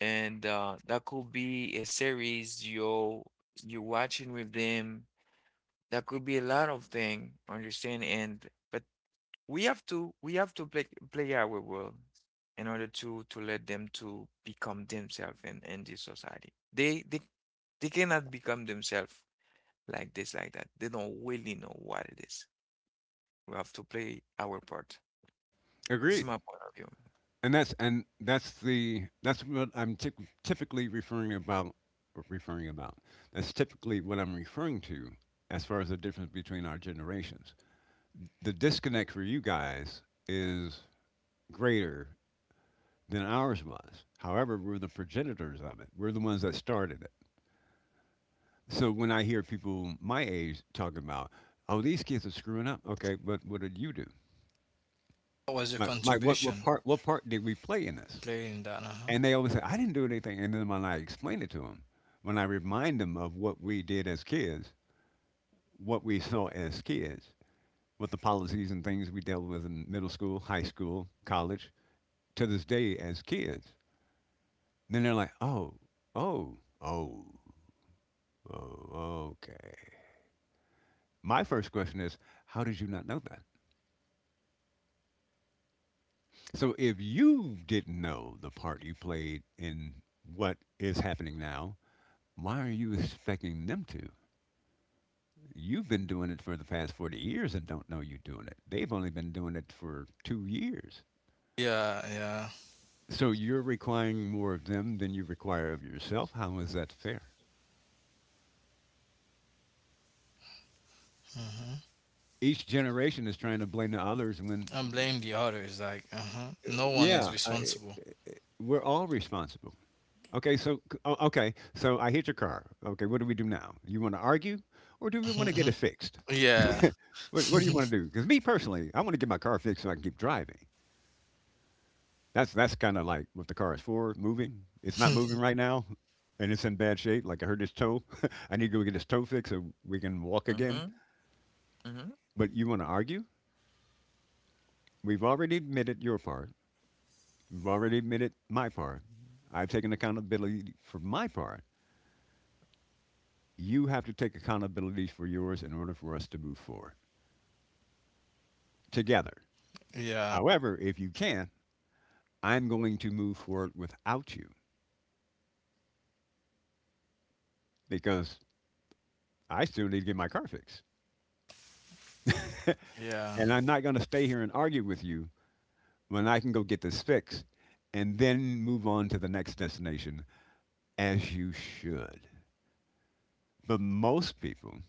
A: and that could be a series you you watching with them. That could be a lot of thing, understand? And but we have to play our role in order to let them to become themselves in this society. They cannot become themselves like this like that. They don't really know what it is. We have to play our part. This is
B: Agreed.
A: my point of view.
B: And that's what I'm typ typically referring about. Referring about. That's typically what I'm referring to as far as the difference between our generations. The disconnect for you guys is greater than ours was. However, we're the progenitors of it. We're the ones that started it. So when I hear people my age talking about, oh, these kids are screwing up. Okay, but what did you do?
C: What was your
B: Like, what, what
C: contribution
B: part what part did we play in this?
C: playing that? Uh-huh.
B: And they always say, I didn't do anything. And then when I explain it to them, when I remind them of what we did as kids, what we saw as kids, what the policies and things we dealt with in middle school, high school, college, to this day as kids, then they're like, oh, oh, oh, okay. My first question is, how did you not know? So if you didn't know the part you played in what is happening now, why are you expecting them to? You've been doing it for the past 40 years and don't know you're doing it. They've only been doing it for 2 years.
C: Yeah, yeah.
B: So you're requiring more of them than you require of yourself. How is that fair?
C: Mhm.
B: Each generation is trying to blame the others when,
C: And blame the others. Like, uh-huh.
B: uh,
C: No one is
B: yeah, I,
C: responsible.
B: we're all responsible. Okay, so okay, so I hit your car. Okay, what do we do now? You want to argue, or do we want to get it
C: (laughs)
B: fixed?
C: Yeah.
B: What do you
C: (laughs)
B: want to do? Because me personally, I want to get my car fixed so I can keep driving. That's kind of like what the car is for, moving. It's not moving right now, and it's in bad shape. Like I heard this toe. (laughs) I need to go get this toe fixed so we can walk again.
A: Mm-hmm. Mm-hmm.
B: But you want to argue? We've already admitted your part. We've already admitted my part. I've taken accountability for my part. You have to take accountability for yours in order for us to move forward together.
C: Yeah.
B: However, if you can, I'm going to move forward without you because I still need to get my car fixed.
C: Yeah.
B: And I'm not going to stay here and argue with you when I can go get this fixed and then move on to the next destination as you should. But most people,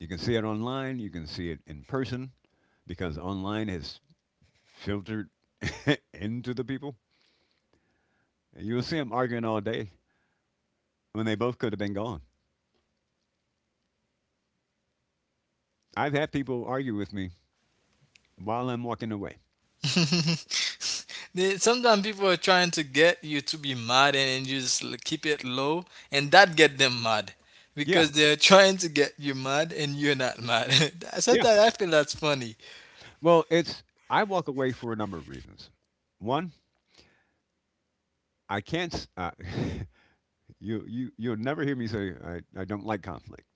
B: you can see it online, you can see it in person because online has filtered (laughs) into the people. You'll see them arguing all day when they both could have been gone. I've had people argue with me while I'm walking away.
C: (laughs) Sometimes people are trying to get you to be mad, and you just keep it low, and that get them mad
B: Yeah,
C: because they're trying to get you mad and you're not mad. (laughs)
B: yeah.
C: Sometimes I feel that's funny.
B: Well, it's, I walk away for a number of reasons. One, I can't. (laughs) You'll never hear me say I don't like conflict.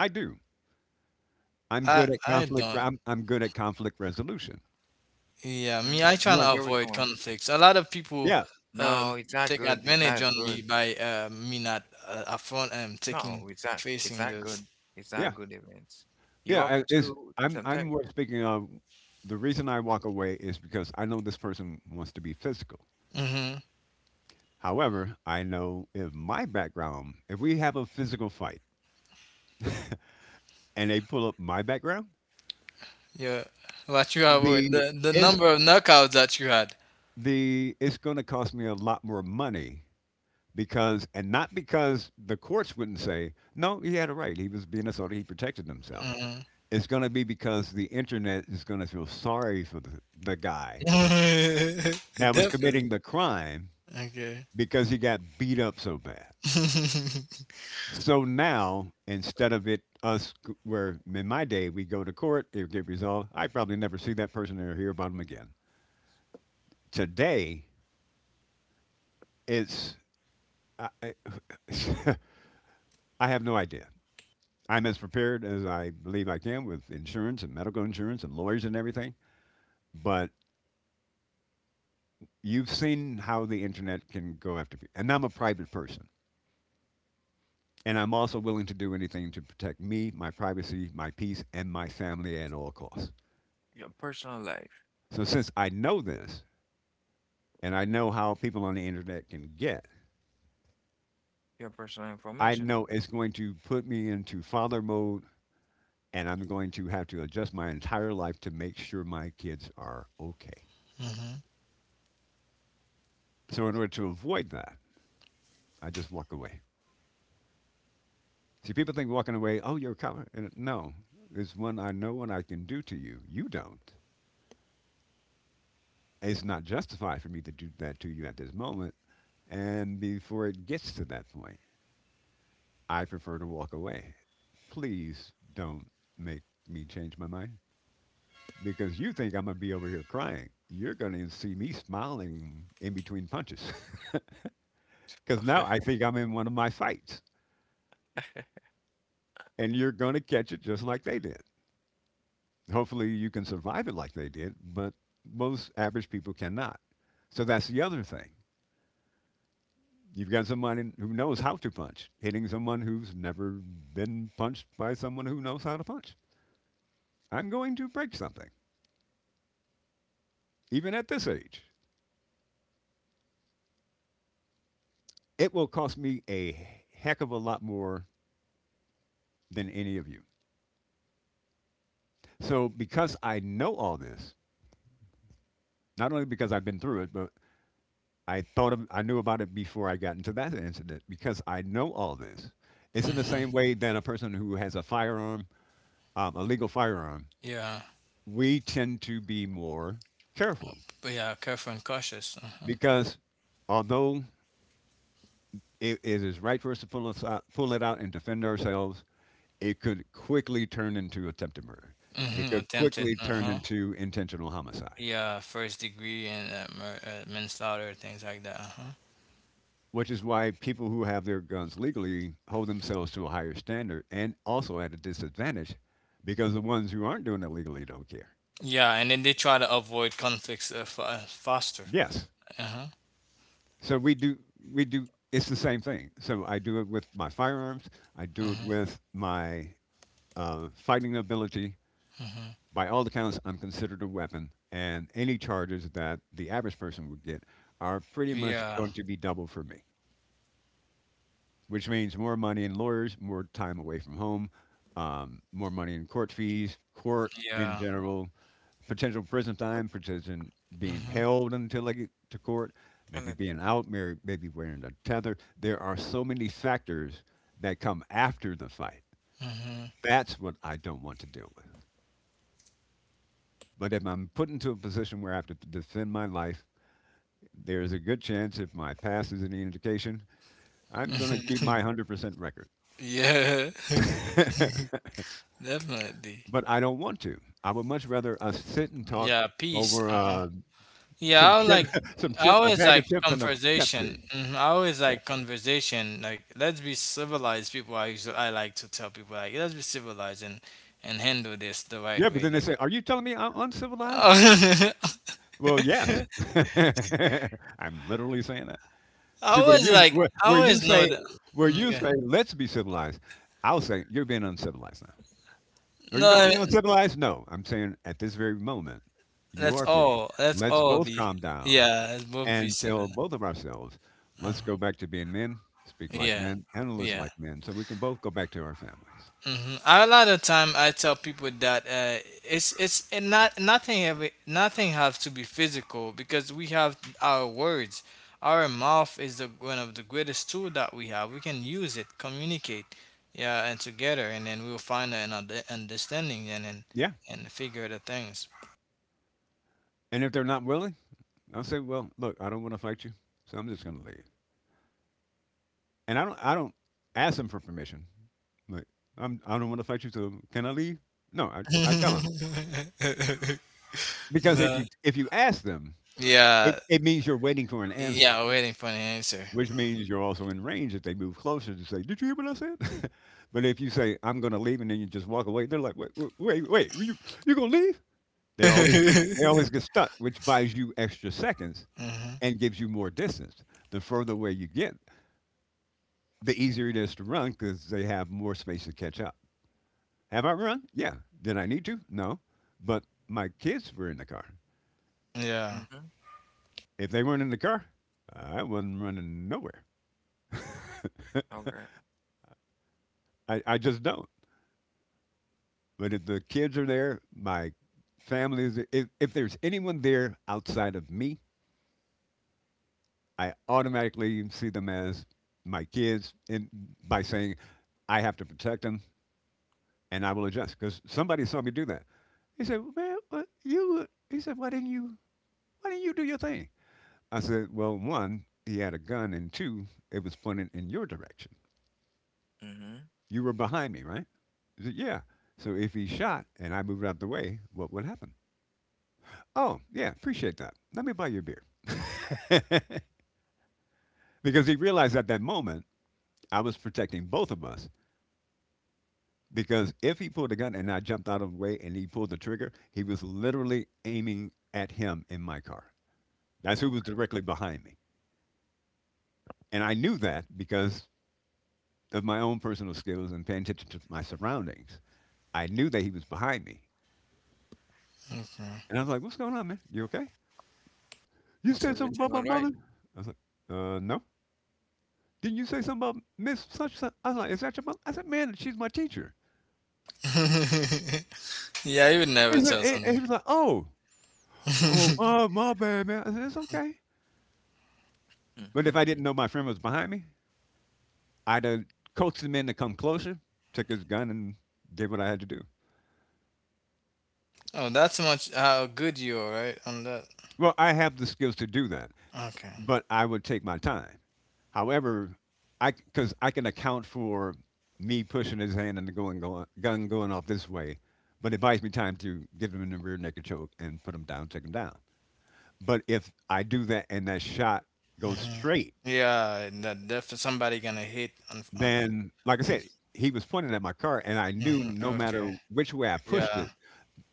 B: I do. I'm
C: I
B: good at
C: I
B: conflict. re-
C: don't.
B: I'm, I'm good at conflict resolution.
C: Yeah, me, I
A: Mm-hmm.
C: try
A: It's
B: What?
C: to
A: the original
C: avoid
A: one.
C: conflicts. A lot of people,
B: Yeah,
A: No,
C: um,
A: it's not
C: take
A: good. It's
C: advantage
A: not
C: on me
A: good.
C: by, me not, upfront and taking
A: No, it's not. It's
C: facing
A: not
C: those.
A: good. It's
B: yeah,
A: not good, events. You
B: yeah.
A: have
B: I- Is
A: to
B: I'm
A: sometimes.
B: more speaking of, the reason I walk away is because I know this person wants to be physical.
C: Mm-hmm.
B: However, I know if my background, if we have a physical fight and they pull up my background,
C: Yeah, what you avoid
B: the
C: the
B: it's
C: number of knockouts that you had.
B: the it's going to cost me a lot more money because, and not because the courts wouldn't say no, he had a right, he was being assaulted, he protected himself.
C: Mm-hmm.
B: It's going to be because the internet is going to feel sorry for the guy
C: (laughs)
B: that was committing
C: Definitely.
B: the crime
C: Okay.
B: because he got beat up so bad.
C: (laughs) Mm-hmm.
B: So now, instead of where in my day we go to court, it would get resolved, I probably never see that person or hear about him again. Today, it's, I (laughs) I have no idea. I'm as prepared as I believe I can, with insurance and medical insurance and lawyers and everything. But you've seen how the internet can go after people. And I'm a private person. And I'm also willing to do anything to protect me, my privacy, my peace, and my family at all costs.
A: Your personal life,
B: So since I know this, and I know how people on the internet can get,
A: your personal
B: I
A: information.
B: know it's going to put me into father mode and I'm going to have to adjust my entire life to make sure my kids are okay. So in order to avoid that, I just walk away. See, people think walking away, oh, you're a coward. And no, there's one I know and I can do to you. You don't. It's not justified for me to do that to you at this moment. And before it gets to that point, I prefer to walk away. Please don't make me change my mind, because you think I'm going to be over here crying. You're going to see me smiling in between punches (laughs) because now I
A: (laughs)
B: think I'm in one of my fights and you're going to catch it just like they did. Hopefully, you can survive it like they did, but most average people cannot. So that's the other thing. You've got someone who knows how to punch, hitting someone who's never been punched by someone who knows how to punch. I'm going to break something, even at this age. It will cost me a heck of a lot more than any of you. So, because I know all this, not only because I've been through it, but I thought of, I knew about it before I got into that incident, because I know all this. It's in the
C: Mm-hmm.
B: same way that a person who has a firearm, a legal firearm,
C: Yeah,
B: we tend to be more careful
C: but yeah, careful and cautious. Uh-huh.
B: because although it is right for us to pull it out and defend ourselves, it could quickly turn into attempted murder. It
C: Mm-hmm.
B: could
C: Attempted.
B: quickly turn
C: Uh-huh.
B: into intentional homicide.
C: Yeah, first degree and, manslaughter, things like that. Uh-huh.
B: Which is why people who have their guns legally hold themselves to a higher standard, and also at a disadvantage because the ones who aren't doing it legally don't care.
C: Yeah, and then they try to avoid conflicts, faster.
B: Yes.
C: Uh-huh.
B: So we do it's the same thing. So I do it with my firearms, I do it
C: Mm-hmm.
B: with my fighting ability.
C: Mm-hmm.
B: By all accounts, I'm considered a weapon, and any charges that the average person would get are pretty much
C: Yeah.
B: going to be double for me. Which means more money in lawyers, more time away from home, more money in court fees, court in
C: Yeah.
B: general, potential prison time, potential being held until I get to court,
A: And it,
B: maybe being out, maybe wearing a tether. There are so many factors that come after the fight.
C: Mm-hmm.
B: That's what I don't want to deal with. But if I'm put into a position where I have to defend my life, there's a good chance, if my past is any indication, I'm going to keep
C: Mm-hmm.
B: my 100%
C: (laughs) Yeah. (laughs)
B: record. (laughs)
C: Definitely.
B: But I don't want to. I would much rather us sit and talk
C: Yeah, peace.
B: over
C: Uh-huh. Yeah,
B: some chip, (laughs) some
C: I
B: chips, a
C: always
B: bag
C: like
B: of chips, and a
C: conversation.
B: Pepsi.
C: Hmm. I always
B: Yeah,
C: like conversation. Like, let's be civilized people. I usually, I like to tell people like let's be civilized and handle this the right
B: yeah. But
C: way.
B: then they
C: Like,
B: say, "Are you telling me I'm
C: (laughs)
B: uncivilized?"
C: I
B: Well, yes. (laughs) I'm literally saying that. See,
C: always like I always know that.
B: where you
C: Okay.
B: say let's be civilized, I'll say you're being uncivilized now. Are you calling
C: No.
B: me uncivilized? No, I'm saying at this very moment you
C: That's
B: are being.
C: all. That's
B: Let's
C: all
B: both
C: be.
B: calm down
C: Yeah, it would be
B: and tell
C: similar.
B: both of ourselves, let's
C: Uh,
B: go back to being men, speak like
C: yeah,
B: men, and listen
C: yeah.
B: like men, so we can both go back to our families.
C: Hmm. A lot of time I tell people that, it's, and not nothing. Every nothing has to be physical because we have our words. Our mouth is one of the greatest tool that we have. We can use it, communicate, yeah, and together, and then we'll find an understanding,
B: Yeah.
C: and figure the things.
B: And if they're not willing, I'll say, well, look, I don't want to fight you, so I'm just going to leave. And I don't ask them for permission. Like, I don't want to fight you, so can I leave? No, I tell them,
C: (laughs)
B: because if
C: No.
B: you if you ask them, it,
C: Yeah.
B: it means you're waiting for an answer.
C: Yeah, waiting for an answer.
B: Which means you're also in range if they move closer to say, "Did you hear what I said?" (laughs) But if you say, "I'm going to leave," and then you just walk away, they're like, "Wait, wait, wait, wait, you going to leave?" They always they always
C: (laughs)
B: get stuck, which buys you extra seconds
C: Hmm.
B: and gives you more distance. The further away you get, the easier it is to run because they have more space to catch up. Have I run? Yeah. Did I need to? No. But my kids were in the car.
C: Yeah.
A: mm-hmm.
B: If they weren't in the car, I wasn't running nowhere.
A: Okay.
B: I just don't. But if the kids are there, my family is there, if there's anyone there outside of me, I automatically see them as my kids and by saying I have to protect them and I will adjust because somebody saw me do that. He said, well, "Man, what you?" He said, "Why didn't you? Why didn't you do your thing?" I said, "Well, one, he had a gun, and two, it was pointed in your direction.
A: Mm-hmm.
B: You were behind me, right?" He said, "Yeah." So if he shot and I moved out the way, what would happen? Oh, yeah, appreciate that. Let me buy you a beer. (laughs) Because he realized at that moment I was protecting both of us. Because if he pulled a gun and I jumped out of the way and he pulled the trigger, he was literally aiming at him in my car. That's who was
A: Okay.
B: directly behind me. And I knew that because of my own personal skills and paying attention to my surroundings. I knew that he was behind me.
C: Okay.
B: And I was like, "What's going on, man? You okay? You
A: It's
B: said something
A: everything
B: about
A: all
B: my
A: right.
B: mother?" I was like, "No. Didn't you say something about Miss Such? Such?" I was like, "Is that your mom?" I said, "Man, she's my teacher."
C: (laughs) Yeah, you would
B: He
C: never
B: said,
C: tell
B: and
C: something.
B: he was like, "Oh, oh,
C: (laughs)
B: my bad, man." I said, "It's okay." But
A: Mm-hmm.
B: if I didn't know my friend was behind me, I'd have coaxed him in to come closer, took his gun, and did what I had to do.
C: Oh, that's much how good you are, right? On that.
B: Well, I have the skills to do that,
C: Okay.
B: but I would take my time. However, I because I can account for me pushing his hand and the going gun going off this way, but it buys me time to get him in the rear naked choke and put him down, take him down. But if I do that and that shot goes
C: Hmm.
B: straight,
C: Yeah, that definitely somebody gonna hit on.
B: then like I
C: On
B: said, he was pointing at my car and I knew
C: mhm.
B: no
C: Okay.
B: matter which way I pushed
C: Yeah.
B: it,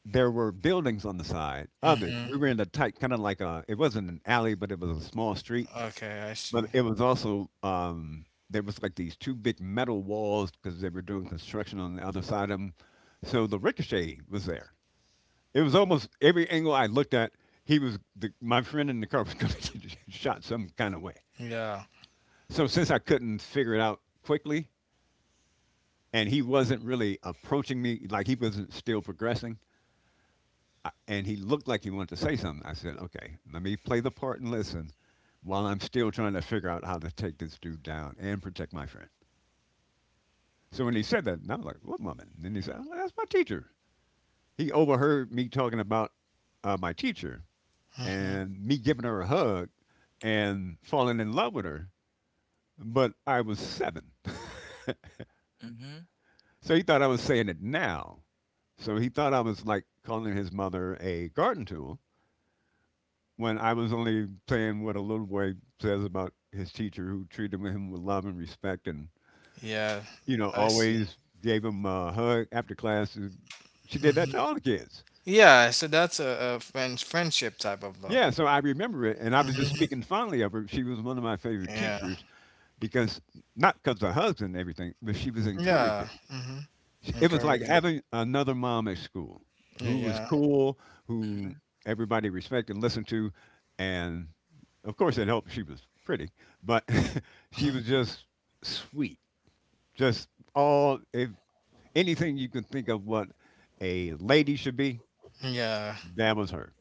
B: there were buildings on the side of it.
C: Hmm.
B: We were in a tight kind of like a it wasn't an alley, but it was a small street.
C: Okay, I see.
B: But it was also there was like these two big metal walls because they were doing construction on the other side of them. So the ricochet was there. It was almost every angle I looked at, he was the, my friend in the car was (laughs) going to get shot some kind of way.
C: Yeah.
B: So since I couldn't figure it out quickly, and he wasn't really approaching me like he wasn't still progressing, I, and he looked like he wanted to say something, I said, "Okay, let me play the part and listen, while I'm still trying to figure out how to take this dude down and protect my friend." So when he said that, and I was like, "What woman?" And then he said, "Oh, that's my teacher." He overheard me talking about my teacher
C: Hmm.
B: and me giving her a hug and falling in love with her, but I was seven.
A: Mm-hmm.
B: So he thought I was saying it now. So he thought I was like calling his mother a garden tool when I was only saying what a little boy says about his teacher who treated him with love and respect and,
C: Yeah, I see.
B: always gave him a hug after class. She did that
C: Hmm.
B: to all the kids.
C: Yeah, so that's a friendship type of love.
B: Yeah, so I remember it, and I was just
C: Hmm.
B: speaking fondly of her. She was one of my favorite
C: Yeah.
B: teachers because, not because of her husband and everything, but she was
C: Yeah.
B: encouraging.
C: hmm
B: Sh It was like
C: Encouraging.
B: having another mom at school who was
C: Yeah.
B: cool,
A: Mm-hmm.
B: who everybody respected and listened to, and of course it helped. She was pretty, but (laughs) she was
C: Hmm.
B: just sweet, just all if anything you can think of what a lady should be,
C: Yeah.
B: that was her.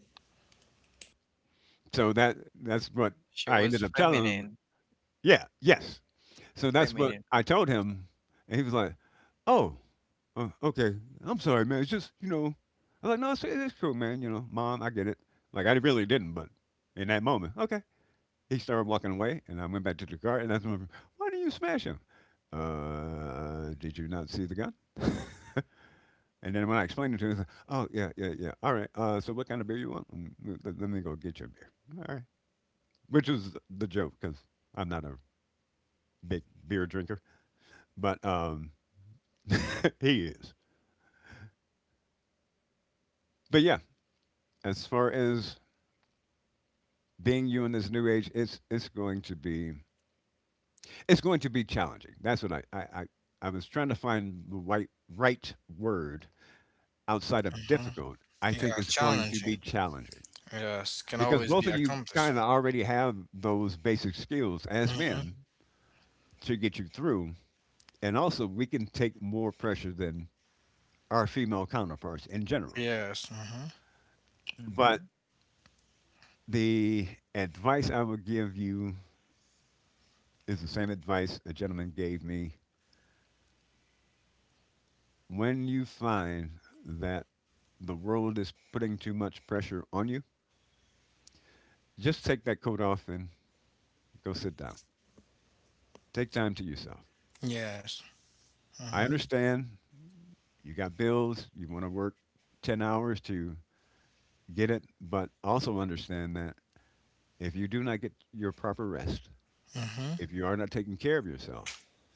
B: So that's what
A: She
B: I
A: was
B: ended up telling him.
A: feminine.
B: Yeah, yes. So that's what
A: Feminine.
B: I told him, and he was like, "Oh, okay. I'm sorry, man. It's just, I was like, no, it's cool, man. You know, mom, I get it. Like, I really didn't, but in that moment, okay." He started walking away, and I went back to the car, and I said, "Why did you smash him? Did you not see the gun?" (laughs) And then when I explained it to him, he said, "Oh, yeah, yeah, yeah. All right. So what kind of beer you want? Let me go get you a beer. All right." Which was the joke, because I'm not a big beer drinker, but (laughs) he is. But yeah, as far as being you in this new age, it's going to be it's going to be challenging. That's what I was trying to find the right word outside of
C: Hmm.
B: difficult. I think
C: Yeah.
B: it's going to be
C: Challenging.
B: challenging
C: Yes. Can
B: because
C: always be
B: both of you
C: accomplished.
B: kind of already have those basic skills as men
C: Hmm.
B: to get you through, and also we can take more pressure than our female counterparts in general.
C: Yes. Hmm.
A: Mm-hmm.
B: But the advice I would give you is the same advice a gentleman gave me. When you find that the world is putting too much pressure on you, just take that coat off and go sit down. Take time to yourself.
C: Yes.
B: I
C: Hmm.
B: understand you got bills, you want to work 10 hours to get it, but also understand that if you do not get your proper rest,
C: Hmm.
B: if you are not taking care of yourself,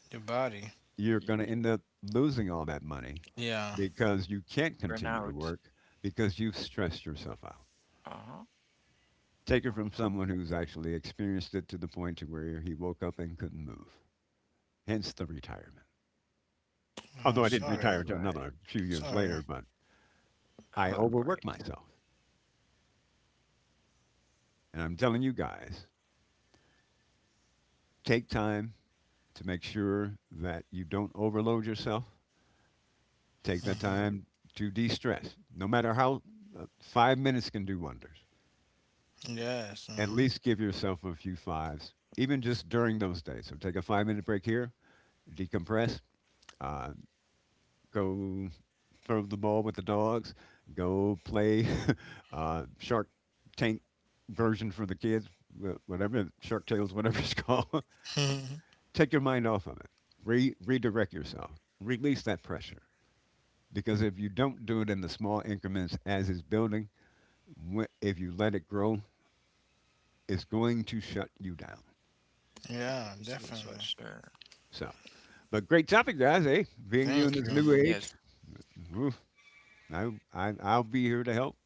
C: Your body.
B: you're
A: Y
B: going to end up losing all that money
C: Yeah.
B: because you can't continue to
A: burnout.
B: work because you've stressed yourself out.
A: Uh-huh.
B: Take it from
A: Uh-huh.
B: someone who's actually experienced it to the point to where he woke up and couldn't move. Hence the retirement.
C: Oh,
B: Although I didn't
A: All
C: sorry.
B: retire until
A: right.
B: another few years
C: Sorry.
B: later, but
A: (laughs) All
B: I
A: right.
B: overworked myself. And I'm telling you guys, take time to make sure that you don't overload yourself. Take that
C: Hmm.
B: time to de stress. No matter how, 5 minutes can do wonders.
C: Yes.
B: At
C: Hmm.
B: least give yourself a few fives, even just during those days. So take a 5 minute break here, decompress, uh, go throw the ball with the dogs, go play (laughs) Shark Tank version for the kids, whatever Shark Tales, whatever it's (laughs) called.
C: (laughs)
B: Take your mind off of it. Redirect yourself. Release that pressure. Because if you don't do it in the small increments as it's building, if you let it grow, it's going to shut you down.
C: Yeah.
A: This is what
C: Definitely.
A: sure.
B: So, but great topic, guys. Eh? Being you
C: Thank
B: in this
C: you.
B: new
A: Yes,
B: age, oof, I, I'll be here to help.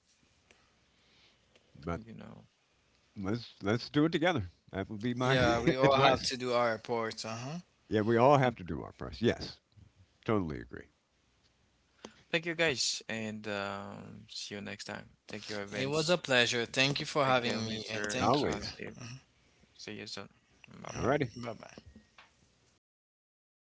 A: you
B: But
A: know.
B: Let's do it together. That would be my
C: Yeah. We
B: (laughs)
C: all have
B: advice.
C: to do our parts. Uh huh.
B: Yeah, we all have to do our parts. Yes, totally agree.
A: Thank you guys, and see you next time. Thank you,
C: It was
A: Evans.
C: a pleasure. Thank you for
A: Thank you,
C: having me, and
A: Mr.
C: thank you.
B: Always.
A: Steve. See you soon. Bye bye.
B: Alrighty.
C: Bye bye.